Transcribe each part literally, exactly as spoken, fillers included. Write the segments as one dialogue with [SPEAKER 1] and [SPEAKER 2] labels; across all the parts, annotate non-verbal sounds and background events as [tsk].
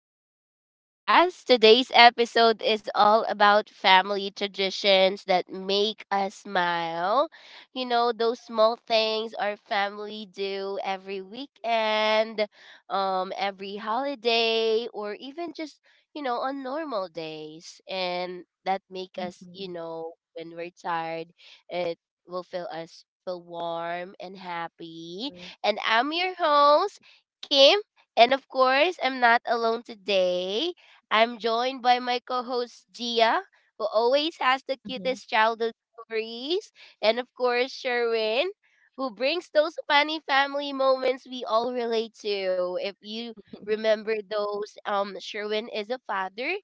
[SPEAKER 1] back to the podcast. Today's episode is all about family traditions that make us smile. You know, those small things our family do every weekend, um every holiday or even just, you know, on normal days and that make us, you
[SPEAKER 2] Mhm,
[SPEAKER 1] know, when we're tired, it will feel us feel warm and happy.
[SPEAKER 2] mhm,
[SPEAKER 1] And I'm your host Kim and of course, I'm not alone today. I'm joined by my co host, Gia, who always has the
[SPEAKER 2] mhm.
[SPEAKER 1] cutest childhood stories. And of course, Sherwin, who brings those funny family moments we all relate to. If you remember those, um, Sherwin is a father.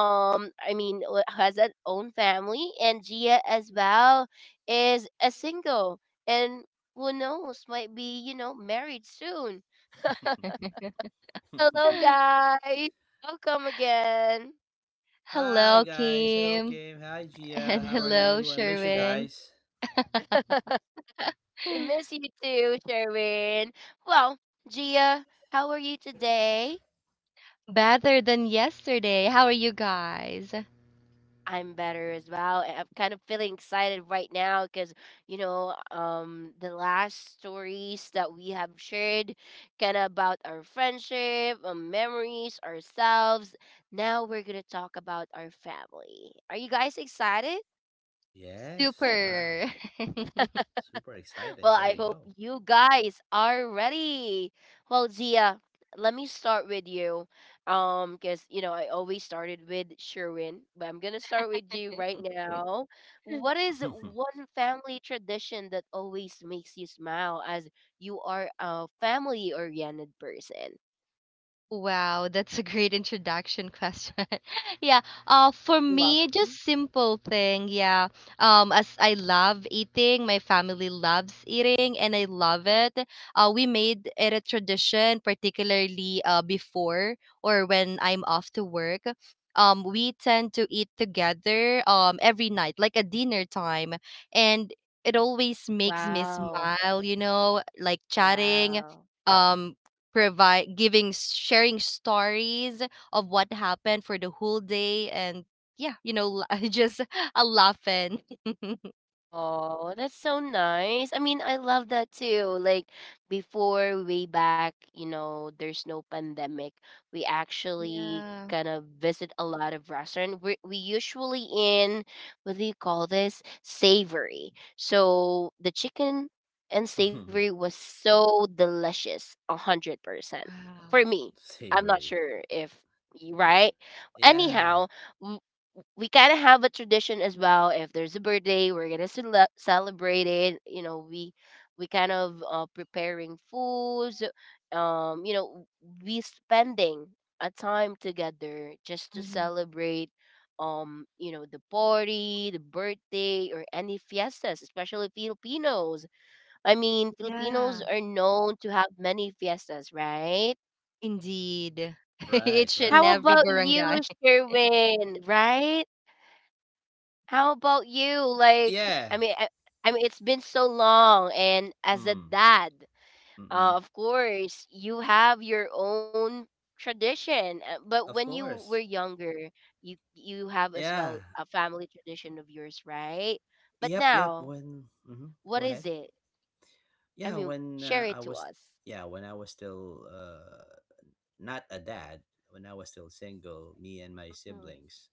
[SPEAKER 1] Um, I mean, w- has an own family, and Gia as well is a single, and who knows, might be you know married soon. Hello,
[SPEAKER 2] [laughs]
[SPEAKER 1] guys. Welcome again.
[SPEAKER 2] Hello,
[SPEAKER 3] Hi guys, hello
[SPEAKER 2] Kim.
[SPEAKER 3] Kim, hi
[SPEAKER 2] And
[SPEAKER 3] Gia, how are
[SPEAKER 2] hello,
[SPEAKER 3] you? I miss you
[SPEAKER 2] Sherwin.
[SPEAKER 3] guys.
[SPEAKER 1] We miss
[SPEAKER 2] [laughs]
[SPEAKER 1] you too, Sherwin. Well, Gia, how are you today?
[SPEAKER 2] Better than yesterday. How are you guys?
[SPEAKER 1] I'm better as well. and I'm kind of feeling excited right now because, you know, um, the last stories that we have shared kind of about our friendship, um, memories, ourselves. Now we're going to talk about our family. Are you guys excited?
[SPEAKER 3] Yes, wow,
[SPEAKER 2] Super.
[SPEAKER 3] super
[SPEAKER 1] Well,
[SPEAKER 3] excited.
[SPEAKER 1] I
[SPEAKER 3] There you
[SPEAKER 1] hope
[SPEAKER 3] go.
[SPEAKER 1] you guys are ready. Well, Zia, let me start with you. Um, because you know I always started with Sherwin, but I'm gonna start with you right now. What
[SPEAKER 2] [laughs] [laughs]
[SPEAKER 1] is one family tradition that always makes you smile as you are a family oriented person?
[SPEAKER 2] Wow, that's a great introduction question. [laughs] Yeah, uh,
[SPEAKER 1] [laughs]
[SPEAKER 2] for
[SPEAKER 1] You're
[SPEAKER 2] me,
[SPEAKER 1] welcome.
[SPEAKER 2] just simple thing. Yeah, um, as I love eating, my family loves eating, and I love it. Uh, we made it a tradition, particularly uh, before or when I'm off to work. Um, we tend to eat together um every night, like a dinner time, and it always makes me
[SPEAKER 1] Wow.
[SPEAKER 2] smile. You know, like chatting.
[SPEAKER 1] Wow.
[SPEAKER 2] Um, Provide giving sharing stories of what happened for the whole day and yeah you know la- [laughs] just a laughing. [laughs]
[SPEAKER 1] Oh, that's so nice. I mean, I love that too. Like before, way back, you know, there's no pandemic. We actually
[SPEAKER 2] Yeah.
[SPEAKER 1] kind of visit a lot of restaurant. We're we usually in what do you call this? Savory. So the chicken and
[SPEAKER 3] [laughs]
[SPEAKER 1] savory was so delicious, a hundred percent
[SPEAKER 2] Wow.
[SPEAKER 1] for me. I'm not
[SPEAKER 3] Savory.
[SPEAKER 1] sure if you right.
[SPEAKER 3] Yeah,
[SPEAKER 1] Anyhow, we kind of have a tradition as well. If there's a birthday, we're gonna cele- celebrate it. You know, we we kind of uh, preparing foods. Um, you know, we spending a time together just to
[SPEAKER 2] Mhm.
[SPEAKER 1] celebrate. Um, you know, the party, the birthday, or any fiestas, especially Filipinos. I mean, Filipinos
[SPEAKER 2] Yeah,
[SPEAKER 1] are known to have many fiestas, right?
[SPEAKER 2] indeed. [laughs]
[SPEAKER 3] right,
[SPEAKER 2] Each and
[SPEAKER 1] How
[SPEAKER 3] right.
[SPEAKER 2] every
[SPEAKER 1] about you,
[SPEAKER 2] barangay.
[SPEAKER 1] Sherwin? Right? How about you? Like, I
[SPEAKER 3] Yeah.
[SPEAKER 1] mean, I, I mean, it's been so long, and as a
[SPEAKER 3] Mm,
[SPEAKER 1] dad, uh,
[SPEAKER 3] mm-mm.
[SPEAKER 1] of course, you have your own tradition. uh, But when
[SPEAKER 3] Of
[SPEAKER 1] you were
[SPEAKER 3] course.
[SPEAKER 1] younger, you you have as well
[SPEAKER 3] Yeah.
[SPEAKER 1] a family tradition of yours, right? But
[SPEAKER 3] Yep, yep.
[SPEAKER 1] now,
[SPEAKER 3] When, hmm
[SPEAKER 1] what
[SPEAKER 3] Go
[SPEAKER 1] is
[SPEAKER 3] ahead.
[SPEAKER 1] it? I
[SPEAKER 3] Yeah,
[SPEAKER 1] mean,
[SPEAKER 3] when
[SPEAKER 1] share
[SPEAKER 3] uh,
[SPEAKER 1] it
[SPEAKER 3] I
[SPEAKER 1] to
[SPEAKER 3] was,
[SPEAKER 1] us.
[SPEAKER 3] yeah, when I was still uh, not a dad, when I was still single, me and my
[SPEAKER 2] Mhm.
[SPEAKER 3] siblings,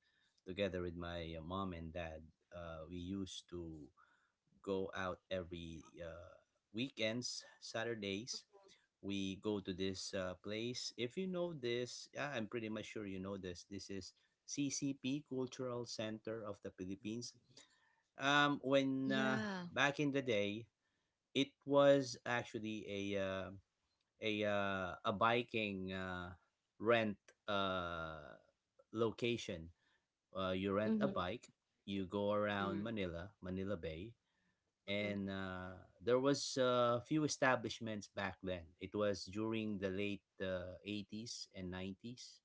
[SPEAKER 3] together with my uh, mom and dad, uh, we used to go out every uh, weekends, Saturdays. We go to this uh, place. If you know this, ah, I'm pretty much sure you know this. This is C C P Cultural Center of the Philippines. Um, when uh,
[SPEAKER 2] Yeah.
[SPEAKER 3] Back in the day, it was actually a uh, a uh, a biking uh, rent uh, location. Uh, you rent a
[SPEAKER 2] Mhm.
[SPEAKER 3] bike, you go around
[SPEAKER 1] Mm.
[SPEAKER 3] Manila, Manila Bay,
[SPEAKER 2] Mhm.
[SPEAKER 3] and uh, there was a few establishments back then. It was during the late uh, eighties and nineties.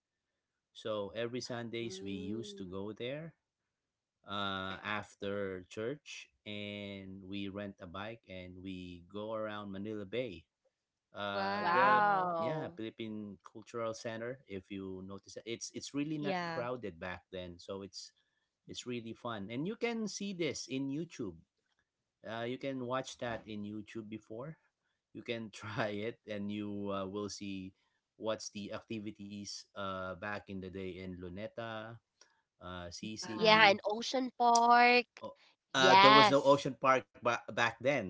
[SPEAKER 3] So every Sundays we used to
[SPEAKER 1] Mm.
[SPEAKER 3] go there uh, after church and we rent a bike and we go around Manila Bay, uh, the
[SPEAKER 2] Wow.
[SPEAKER 3] yeah,
[SPEAKER 1] Wow.
[SPEAKER 3] Philippine Cultural Center. If you notice, it, it's it's really not
[SPEAKER 2] Yeah.
[SPEAKER 3] crowded back then, so it's it's really fun, and you can see this in YouTube. Uh, you can watch that in YouTube before. You can [laughs] try it, and you uh, will see what's the activities uh, back in the day in Luneta, uh,
[SPEAKER 1] Yeah,
[SPEAKER 2] Wow.
[SPEAKER 3] C C P.
[SPEAKER 1] an ocean park.
[SPEAKER 3] Oh, uh, there was no
[SPEAKER 1] Yes.
[SPEAKER 3] Ocean Park ba- back then,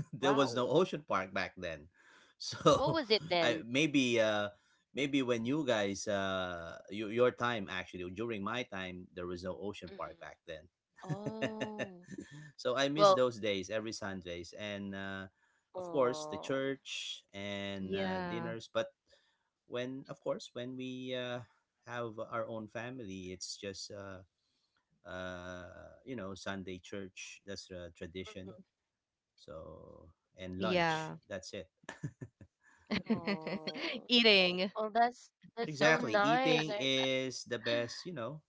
[SPEAKER 3] there was no
[SPEAKER 1] Wow.
[SPEAKER 3] ocean park back then,
[SPEAKER 1] What
[SPEAKER 3] so
[SPEAKER 1] was it
[SPEAKER 3] [laughs] I
[SPEAKER 1] then?
[SPEAKER 3] maybe uh maybe when you guys uh your, your time, actually during my time there was no ocean park
[SPEAKER 1] Mm-hmm.
[SPEAKER 3] back then. [laughs]
[SPEAKER 1] Oh,
[SPEAKER 3] So I miss
[SPEAKER 1] well,
[SPEAKER 3] those days every Sundays and uh of course the
[SPEAKER 1] oh,
[SPEAKER 3] church and uh,
[SPEAKER 2] Yeah.
[SPEAKER 3] dinners. But when of course when we uh have our own family, it's just uh uh you know, Sunday church. That's a tradition,
[SPEAKER 2] Mhm.
[SPEAKER 3] so, and lunch.
[SPEAKER 2] Yeah.
[SPEAKER 3] That's it.
[SPEAKER 2] [laughs]
[SPEAKER 1] oh,
[SPEAKER 2] Eating.
[SPEAKER 1] well, that's that's so
[SPEAKER 3] Exactly.
[SPEAKER 1] nice.
[SPEAKER 3] Eating
[SPEAKER 1] I
[SPEAKER 3] is the best, you know,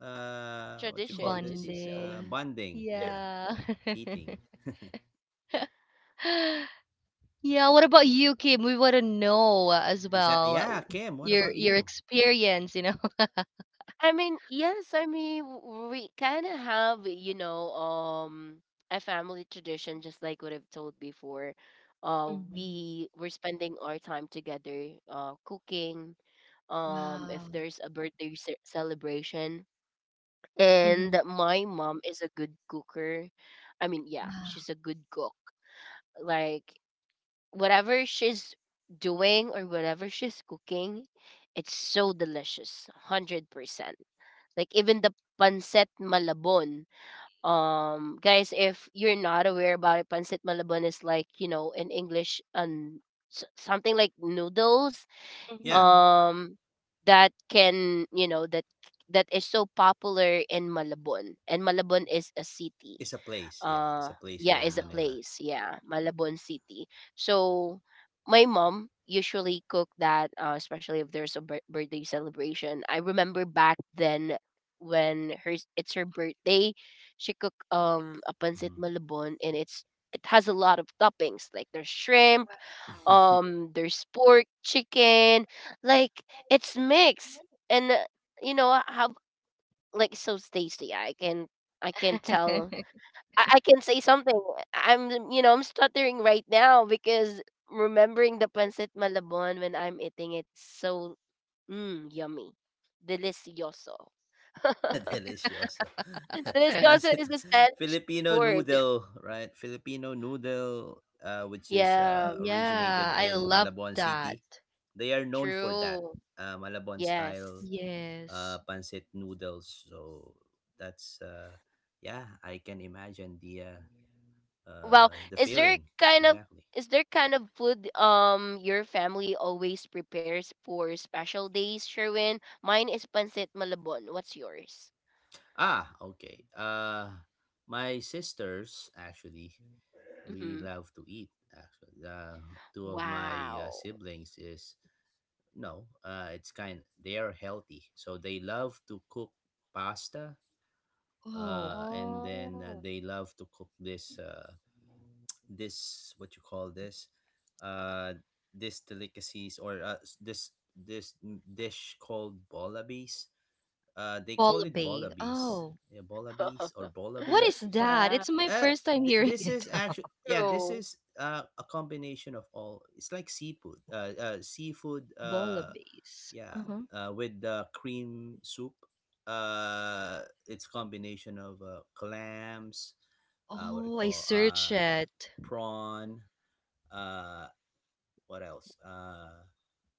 [SPEAKER 3] uh what you call
[SPEAKER 1] tradition to
[SPEAKER 3] this?
[SPEAKER 1] do so.
[SPEAKER 3] Uh,
[SPEAKER 2] Bonding.
[SPEAKER 3] bonding.
[SPEAKER 1] [laughs]
[SPEAKER 3] Yeah,
[SPEAKER 2] Yeah.
[SPEAKER 3] eating.
[SPEAKER 2] [laughs] Yeah, what about you, Kim? We want to know uh, as
[SPEAKER 3] Exactly.
[SPEAKER 2] well,
[SPEAKER 3] Yeah,
[SPEAKER 2] uh,
[SPEAKER 3] Kim, what
[SPEAKER 2] your
[SPEAKER 3] about
[SPEAKER 2] your
[SPEAKER 3] you?
[SPEAKER 2] experience, you know.
[SPEAKER 1] I mean, yes, I mean, w- we kind of have, you know, um, a family tradition, just like what I've told before.
[SPEAKER 2] [laughs]
[SPEAKER 1] Uh,
[SPEAKER 2] Mhm.
[SPEAKER 1] we we're spending our time together, uh, cooking. Um, if
[SPEAKER 2] Wow.
[SPEAKER 1] there's a birthday ce- celebration, and
[SPEAKER 2] Mhm.
[SPEAKER 1] my mom is a good cooker. I mean, yeah,
[SPEAKER 2] Wow.
[SPEAKER 1] she's a good cook like whatever she's doing or whatever she's cooking, it's so delicious, hundred percent. Like even the pancit malabon. Um, guys, if you're not aware about it, pancit malabon is like you know in English and s- something like noodles.
[SPEAKER 3] Yeah,
[SPEAKER 2] Mhm.
[SPEAKER 1] Um, that can you know that that is so popular in Malabon, and Malabon is a city
[SPEAKER 3] it's a place. Yeah, it's
[SPEAKER 1] uh
[SPEAKER 3] a place here
[SPEAKER 1] yeah
[SPEAKER 3] in
[SPEAKER 1] is a
[SPEAKER 3] Manila.
[SPEAKER 1] place yeah Malabon city. So my mom usually cook that, uh, especially if there's a bir- birthday celebration. I remember back then when her it's her birthday, she cooked um a pancit
[SPEAKER 3] Mhm.
[SPEAKER 1] malabon and it's it has a lot of toppings, like there's shrimp,
[SPEAKER 3] [laughs]
[SPEAKER 1] um there's pork, chicken, like it's mixed, and uh, you know I have like so it's tasty. I can i can tell, I, I can say something. I'm, you know, I'm stuttering right now because remembering the pancit malabon when I'm eating, it's so mm, yummy, delicioso. [laughs]
[SPEAKER 3] Delicioso.
[SPEAKER 2] Wow.
[SPEAKER 3] [laughs]
[SPEAKER 2] [laughs]
[SPEAKER 1] Delicioso
[SPEAKER 3] Pancit
[SPEAKER 1] is a Spanish
[SPEAKER 3] Filipino
[SPEAKER 1] word.
[SPEAKER 3] noodle, right? Filipino noodle uh which is
[SPEAKER 1] Yeah,
[SPEAKER 3] uh, originated
[SPEAKER 2] Yeah, I
[SPEAKER 3] in
[SPEAKER 2] love
[SPEAKER 3] Malabon City.
[SPEAKER 2] that.
[SPEAKER 3] They are known for that.
[SPEAKER 1] true.
[SPEAKER 3] Uh, Malabon style
[SPEAKER 1] Yes.
[SPEAKER 3] uh,
[SPEAKER 2] Yes.
[SPEAKER 3] pancit noodles. So that's uh, yeah, I can imagine the uh,
[SPEAKER 1] Well,
[SPEAKER 3] uh, the
[SPEAKER 1] is there
[SPEAKER 3] feeling
[SPEAKER 1] kind of
[SPEAKER 3] exactly.
[SPEAKER 1] is there kind of food um your family always prepares for special days, Sherwin? Mine is pancit malabon. What's yours?
[SPEAKER 3] Ah, okay. Uh, my sisters actually really
[SPEAKER 1] Mm-hmm.
[SPEAKER 3] love to eat. Actually, uh, two of my uh,
[SPEAKER 1] Wow.
[SPEAKER 3] siblings is no. Uh, it's kind. They are healthy, so they love to cook pasta,
[SPEAKER 2] Oh,
[SPEAKER 3] uh, and then uh,
[SPEAKER 1] Oh.
[SPEAKER 3] they love to cook this uh, this what you call this uh, this delicacies or uh, s- this this m- dish called bolabis. Uh, they call it
[SPEAKER 2] bolobae.
[SPEAKER 3] bolabis.
[SPEAKER 2] Oh,
[SPEAKER 3] Yeah, bolabis or
[SPEAKER 1] [laughs]
[SPEAKER 2] what
[SPEAKER 3] bolabi.
[SPEAKER 2] is that?
[SPEAKER 1] Wow,
[SPEAKER 2] It's my
[SPEAKER 3] Uh,
[SPEAKER 2] first time
[SPEAKER 3] th-
[SPEAKER 2] hearing
[SPEAKER 3] this
[SPEAKER 2] it.
[SPEAKER 3] is
[SPEAKER 2] [laughs]
[SPEAKER 3] actually, yeah, this
[SPEAKER 1] true.
[SPEAKER 3] is uh, a combination of all. It's like seafood. Uh, uh seafood. Uh
[SPEAKER 2] Bolobaes.
[SPEAKER 3] yeah,
[SPEAKER 2] Uh-huh.
[SPEAKER 3] uh, with the cream soup, uh, it's combination of uh, clams, uh, what do you
[SPEAKER 2] Oh, I
[SPEAKER 3] call
[SPEAKER 2] search
[SPEAKER 3] uh,
[SPEAKER 2] it.
[SPEAKER 3] prawn, uh, what else? Uh,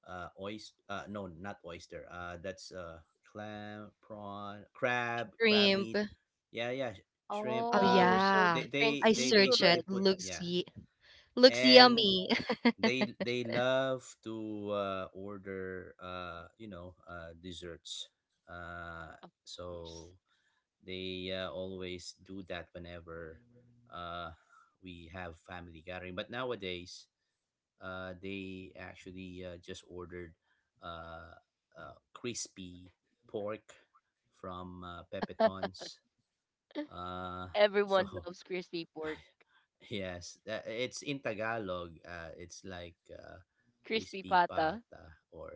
[SPEAKER 3] uh, oyster. Uh, no, not oyster. Uh, that's uh, clam, prawn, crab, crab
[SPEAKER 2] Shrimp.
[SPEAKER 3] meat. Yeah, yeah, sh- shrimp.
[SPEAKER 2] Oh
[SPEAKER 1] Oh,
[SPEAKER 3] Um,
[SPEAKER 1] so
[SPEAKER 2] yeah,
[SPEAKER 3] they
[SPEAKER 1] different
[SPEAKER 3] they
[SPEAKER 2] I
[SPEAKER 3] they
[SPEAKER 2] search it.
[SPEAKER 3] basically
[SPEAKER 1] seafood.
[SPEAKER 3] put,
[SPEAKER 2] Looks
[SPEAKER 3] yeah,
[SPEAKER 2] ye looks
[SPEAKER 3] and
[SPEAKER 2] yummy. [laughs]
[SPEAKER 3] they they love to uh, order uh, you know uh, desserts, uh,
[SPEAKER 1] Of
[SPEAKER 3] so
[SPEAKER 1] course.
[SPEAKER 3] they uh, always do that whenever uh, we have family gathering, but nowadays uh, they actually uh, just ordered uh, uh, crispy pork from uh, pepetons uh, [laughs]
[SPEAKER 1] Everyone
[SPEAKER 3] so
[SPEAKER 1] loves crispy pork.
[SPEAKER 3] yes, uh, it's in Tagalog. Uh, it's like uh,
[SPEAKER 1] Crispy
[SPEAKER 3] crispy
[SPEAKER 1] pata.
[SPEAKER 3] pata, or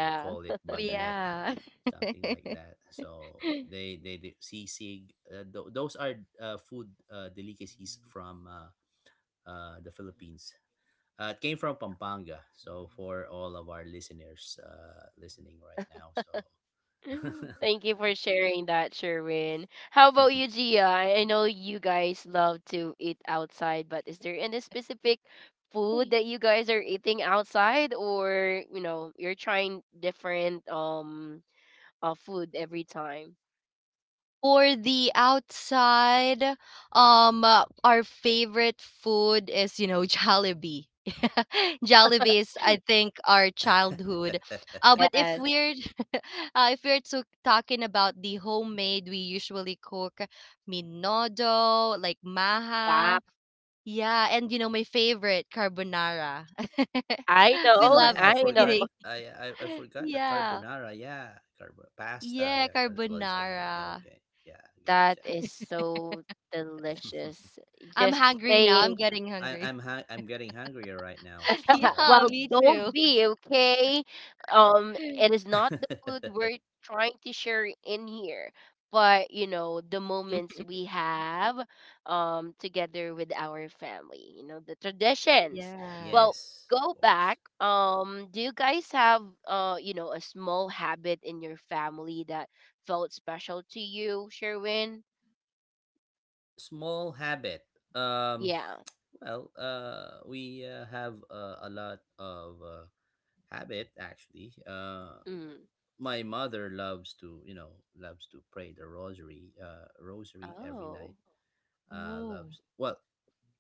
[SPEAKER 3] you call it bagnet,
[SPEAKER 2] Yeah.
[SPEAKER 3] something like that. So they they, do sisig. Uh, th- those are uh, food uh, delicacies from uh, uh, the Philippines. Uh, it came from Pampanga. So for all of our listeners uh, listening right now, so
[SPEAKER 1] [laughs] Thank you for sharing that, Sherwin. How about you, Gia? I I know you guys love to eat outside, but is there any specific food that
[SPEAKER 2] [laughs]
[SPEAKER 1] you guys are eating outside or, you know, you're trying different um uh, food every time?
[SPEAKER 2] For the outside, um, uh, our favorite food is, you know, Jollibee. [laughs] Jollibee is, I think, our childhood. Uh, but
[SPEAKER 3] [laughs]
[SPEAKER 2] if
[SPEAKER 1] Yes.
[SPEAKER 2] we're [laughs] uh, if we're to talking about the homemade, we usually cook minodo, like maha.
[SPEAKER 1] Wow.
[SPEAKER 2] Yeah, and you know, my favorite, carbonara. [laughs]
[SPEAKER 1] I
[SPEAKER 2] We
[SPEAKER 3] Ah,
[SPEAKER 1] know,
[SPEAKER 2] love
[SPEAKER 3] yeah, I
[SPEAKER 1] I know.
[SPEAKER 3] forgot.
[SPEAKER 2] eating.
[SPEAKER 3] I, I I
[SPEAKER 2] [laughs]
[SPEAKER 3] forgot that
[SPEAKER 2] Yeah.
[SPEAKER 3] carbonara. Yeah, carbo pasta.
[SPEAKER 2] Yeah,
[SPEAKER 3] Yeah, car- lasagna. Yeah,
[SPEAKER 2] carbonara.
[SPEAKER 3] okay. Yeah,
[SPEAKER 1] That
[SPEAKER 3] gotcha.
[SPEAKER 1] is so
[SPEAKER 3] [laughs]
[SPEAKER 1] delicious.
[SPEAKER 2] I'm
[SPEAKER 1] Just
[SPEAKER 2] hungry now.
[SPEAKER 1] saying.
[SPEAKER 2] I'm getting
[SPEAKER 3] I,
[SPEAKER 2] hungry.
[SPEAKER 3] I'm hung- I'm getting hungrier right now.
[SPEAKER 2] [laughs] Yeah,
[SPEAKER 1] [laughs]
[SPEAKER 3] So,
[SPEAKER 1] Well,
[SPEAKER 2] me
[SPEAKER 1] don't
[SPEAKER 2] too.
[SPEAKER 1] be, okay? Um, it is not the food
[SPEAKER 3] [laughs]
[SPEAKER 1] we're trying to share in here, but you know, the moments
[SPEAKER 2] [laughs]
[SPEAKER 1] we have, um together with our family, you know, the traditions.
[SPEAKER 2] Yeah.
[SPEAKER 1] Well,
[SPEAKER 3] yes, of
[SPEAKER 1] go back.
[SPEAKER 3] course.
[SPEAKER 1] Um, do you guys have, uh, you know, a small habit in your family that felt special to you, Sherwin?
[SPEAKER 3] Small habit. Um,
[SPEAKER 1] Yeah.
[SPEAKER 3] well, uh, we uh, have uh, a lot of uh, habit actually. Uh,
[SPEAKER 1] Mm.
[SPEAKER 3] my mother loves to, you know, loves to pray the rosary, uh rosary every
[SPEAKER 1] Oh.
[SPEAKER 3] night, uh,
[SPEAKER 2] Oh.
[SPEAKER 3] loves. Well,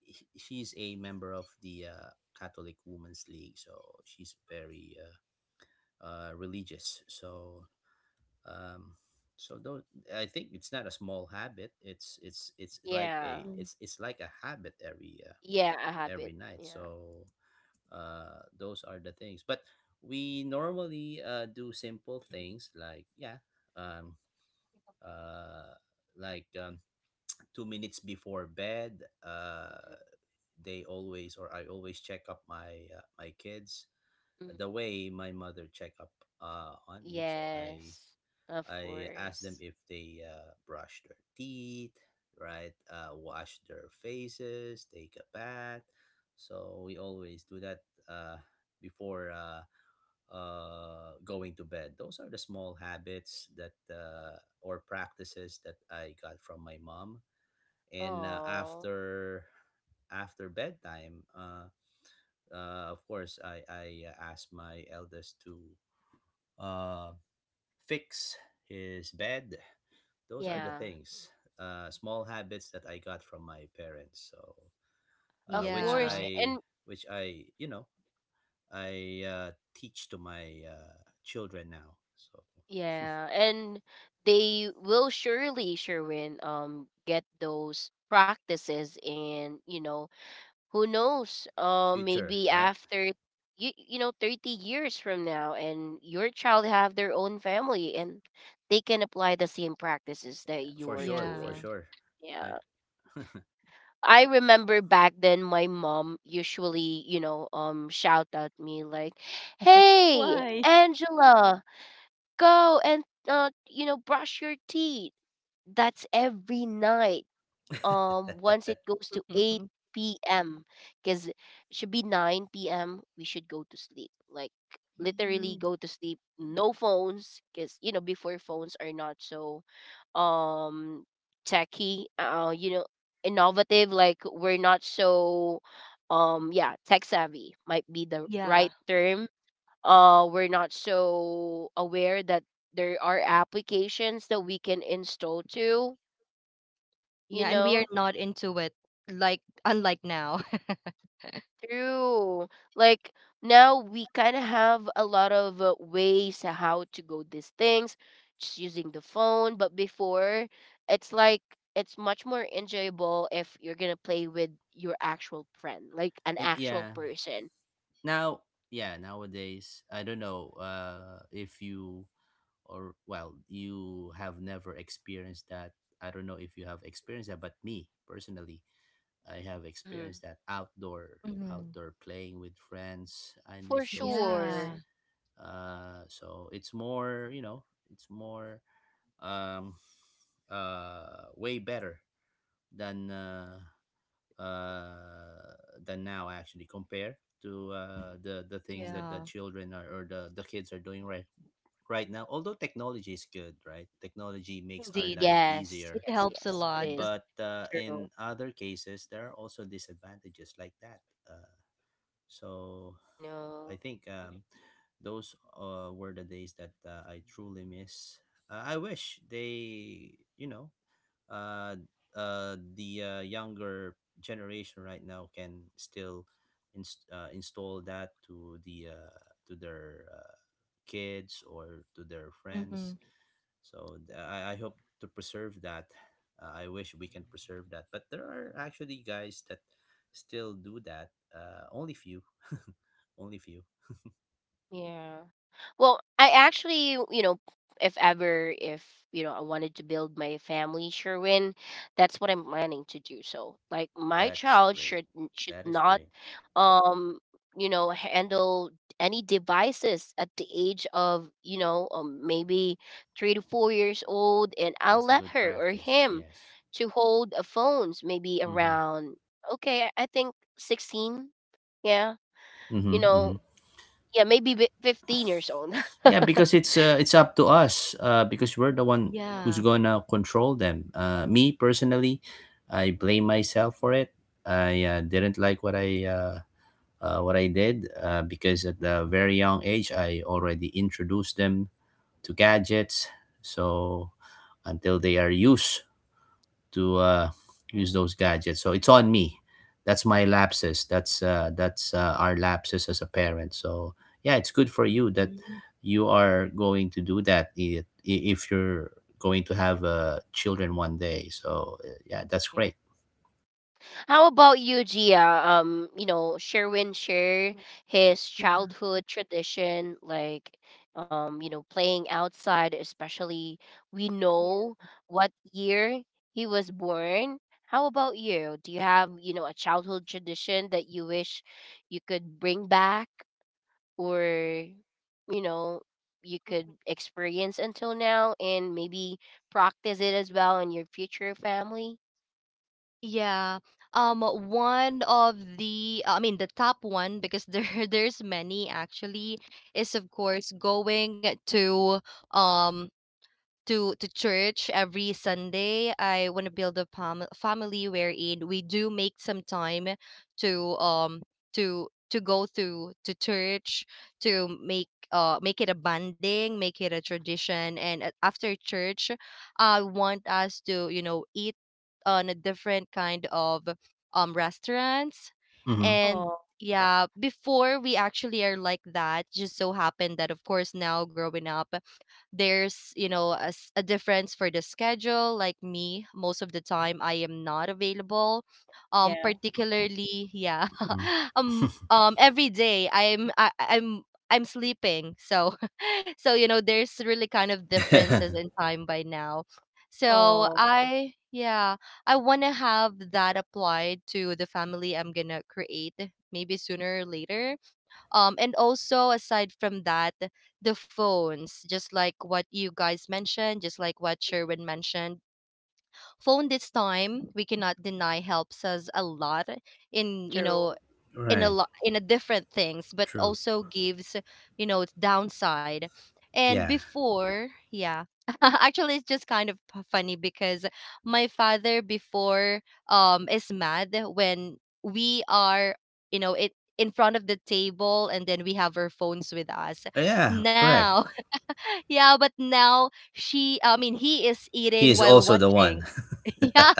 [SPEAKER 3] he- she's a member of the uh, Catholic Women's League, so she's very uh, uh, religious. So, um, so though I think it's not a small habit. It's it's it's like
[SPEAKER 1] Yeah.
[SPEAKER 3] a
[SPEAKER 2] Mhm.
[SPEAKER 3] it's it's like a habit every uh,
[SPEAKER 1] Yeah, a
[SPEAKER 3] every
[SPEAKER 1] habit.
[SPEAKER 3] night.
[SPEAKER 1] Yeah.
[SPEAKER 3] So, uh, those are the things. But we normally uh, do simple things like, yeah, um, uh, like um, two minutes before bed.
[SPEAKER 1] Mhm.
[SPEAKER 3] Uh, they always or I always check up my uh, my kids
[SPEAKER 1] Mhm.
[SPEAKER 3] the way my mother check up uh, on me. So I
[SPEAKER 1] Yes. Of
[SPEAKER 3] I ask them
[SPEAKER 1] course.
[SPEAKER 3] if they uh, brush their teeth, right? Uh, wash their faces, take a bath. So we always do that uh, before uh, uh, going to bed. Those are the small habits that uh, or practices that I got from my mom. And uh,
[SPEAKER 1] Oh.
[SPEAKER 3] after after bedtime, uh, uh, of course, I I uh, asked my eldest to uh, fix his bed. Those are the
[SPEAKER 1] Yeah.
[SPEAKER 3] things, uh, small habits that I got from my parents. So, uh,
[SPEAKER 1] Of
[SPEAKER 3] which
[SPEAKER 1] course.
[SPEAKER 2] Yeah.
[SPEAKER 1] a-
[SPEAKER 3] I
[SPEAKER 1] And
[SPEAKER 3] which I you know I uh, teach to my uh, children now. So
[SPEAKER 1] yeah, and they will surely Sherwin um get those practices, and you know who knows, uh
[SPEAKER 3] future,
[SPEAKER 1] maybe
[SPEAKER 3] right?
[SPEAKER 1] after you, you know thirty years from now and your child have their own family, and they can apply the same practices
[SPEAKER 3] Yeah,
[SPEAKER 1] that you
[SPEAKER 3] for
[SPEAKER 1] were
[SPEAKER 3] sure, for
[SPEAKER 1] doing.
[SPEAKER 2] Yeah.
[SPEAKER 3] sure, right?
[SPEAKER 1] Yeah,
[SPEAKER 3] [laughs]
[SPEAKER 1] I remember back then my mom usually you know um shout at me like, hey
[SPEAKER 2] Why?
[SPEAKER 1] Angela, go and uh you know brush your teeth. That's every night, um once it goes to
[SPEAKER 2] [laughs]
[SPEAKER 1] eight p m because it should be nine p m we should go to sleep. Like literally
[SPEAKER 2] Mhm.
[SPEAKER 1] go to sleep. No phones because you know before, phones are not so um techy uh you know innovative, like we're not so um yeah tech savvy, might be the
[SPEAKER 2] Yeah.
[SPEAKER 1] right term. Uh we're not so aware that there are applications that we can install to you
[SPEAKER 2] Yeah, and we are
[SPEAKER 1] know
[SPEAKER 2] not into it like unlike now.
[SPEAKER 1] True. Like now we kind of have a lot of uh, ways how to go these things just using the phone, but before it's like it's much more enjoyable if you're going to play with your actual friend, like an
[SPEAKER 3] Eh,
[SPEAKER 1] actual
[SPEAKER 3] yeah,
[SPEAKER 1] person.
[SPEAKER 3] Now, yeah, Nowadays, I don't know uh, if you or well, you have never experienced that. I don't know if you have experienced that, but me personally, I have
[SPEAKER 1] Mm-hmm.
[SPEAKER 3] experienced that outdoor
[SPEAKER 2] [laughs] Hmm.
[SPEAKER 3] outdoor playing with friends. I
[SPEAKER 1] For
[SPEAKER 3] miss those days.
[SPEAKER 2] Yeah.
[SPEAKER 1] sure.
[SPEAKER 3] Uh, so it's more, you know, it's more um, uh, way better than uh, uh, than now actually compared to uh, the the things that the
[SPEAKER 2] Yeah.
[SPEAKER 3] children are, or the the kids are doing right right now. Although technology is good, right? Technology makes our
[SPEAKER 2] Indeed.
[SPEAKER 3] life
[SPEAKER 1] Yes,
[SPEAKER 3] easier,
[SPEAKER 2] It
[SPEAKER 1] yes,
[SPEAKER 2] helps a
[SPEAKER 1] yes. It
[SPEAKER 2] lot.
[SPEAKER 1] is.
[SPEAKER 3] but uh,
[SPEAKER 1] True.
[SPEAKER 3] in other cases there are also disadvantages like that. Uh, so
[SPEAKER 1] I
[SPEAKER 3] I
[SPEAKER 1] know.
[SPEAKER 3] think, um, those uh, were the days that uh, I truly miss. Uh, I wish they, you know, uh, uh, the uh, younger generation right now can still inst- uh, install that to the uh, to their uh, kids or to their
[SPEAKER 2] Hmm.
[SPEAKER 3] friends. So th- I, I hope to preserve that. Uh, I wish we can preserve that, but there are actually guys that still do that. Uh, only few, [laughs] only few.
[SPEAKER 1] Yeah. Well, I actually, you know, if ever, if, you know, I wanted to build my family, Sherwin, that's what I'm planning to do. So, like, my
[SPEAKER 3] That's
[SPEAKER 1] child
[SPEAKER 3] great.
[SPEAKER 1] should n- should
[SPEAKER 3] That is
[SPEAKER 1] not,
[SPEAKER 3] great.
[SPEAKER 1] um, you know, handle any devices at the age of, you know, um, maybe three to four years old, and I'll
[SPEAKER 3] That's a
[SPEAKER 1] let
[SPEAKER 3] good
[SPEAKER 1] her or
[SPEAKER 3] practice.
[SPEAKER 1] him
[SPEAKER 3] Yes.
[SPEAKER 1] to hold a phones maybe
[SPEAKER 3] Mm-hmm.
[SPEAKER 1] around, okay, I I think sixteen. Yeah.
[SPEAKER 3] Mm-hmm.
[SPEAKER 1] You know,
[SPEAKER 3] Mm-hmm.
[SPEAKER 1] yeah, maybe bi- fifteen years old. [laughs]
[SPEAKER 3] Yeah, because it's uh, it's up to us uh, because we're the one who's
[SPEAKER 2] Yeah.
[SPEAKER 3] gonna control them. Uh, me personally, I blame myself for it. I uh, didn't like what I uh, uh, what I did uh, because at a very young age I already introduced them to gadgets. So until they are used to uh, use those gadgets. So it's on me. That's my lapses. That's uh, that's uh, our lapses as a parent. So yeah, it's good for you that
[SPEAKER 2] Mhm.
[SPEAKER 3] you are going to do that i- i- if you're going to have uh, children one day. So uh, yeah, that's
[SPEAKER 1] Yeah.
[SPEAKER 3] great.
[SPEAKER 1] How about you, Gia? Um, you know, Sherwin share his
[SPEAKER 2] Yeah.
[SPEAKER 1] childhood tradition, like, um, you know, playing outside, especially we know
[SPEAKER 2] Yeah.
[SPEAKER 1] what year he was born. How about you? Do you have, you know, a childhood tradition that you wish you could bring back? Or you know you could experience until now and maybe practice it as well in your future family.
[SPEAKER 2] Yeah. Um, one of the, I mean, the top one, because there [laughs] there's many actually, is of course going to um to to church every Sunday. I want to build a fam- family wherein we do make some time to um to to go to to church, to make uh make it a bonding, make it a tradition, and a- after church, I want us to you know eat on a different kind of um restaurants.
[SPEAKER 3] Hmm.
[SPEAKER 2] And
[SPEAKER 1] Oh
[SPEAKER 2] yeah, before we actually are like that, just so happened that of course now growing up there's you know a, s- a difference for the schedule, like me most of the time I am not available, um
[SPEAKER 1] yeah.
[SPEAKER 2] particularly yeah. [laughs] Um um every day i'm I, i'm I'm sleeping, so [laughs] so you know there's really kind of differences in
[SPEAKER 3] [laughs]
[SPEAKER 2] time by now. So
[SPEAKER 1] Oh,
[SPEAKER 2] I, yeah, I want to have that applied to the family I'm gonna create, maybe sooner or later. Um, and also aside from that, the phones, just like what you guys mentioned, just like what Sherwin mentioned, phone this time we cannot deny helps us a lot in you know
[SPEAKER 1] true.
[SPEAKER 2] in a
[SPEAKER 3] Right.
[SPEAKER 2] lot in a different things, but
[SPEAKER 3] True.
[SPEAKER 2] also gives you know its downside. And
[SPEAKER 3] Yeah.
[SPEAKER 2] before yeah, [laughs] actually it's just kind of p- funny because my father before um is mad when we are you know it in front of the table and then we have our phones with us.
[SPEAKER 3] Yeah. Correct.
[SPEAKER 2] Now, [laughs] yeah, but now she I mean he is
[SPEAKER 3] He
[SPEAKER 2] eating
[SPEAKER 3] is
[SPEAKER 2] while
[SPEAKER 3] also the one.
[SPEAKER 2] watching. [laughs]
[SPEAKER 3] [laughs]
[SPEAKER 2] Yeah.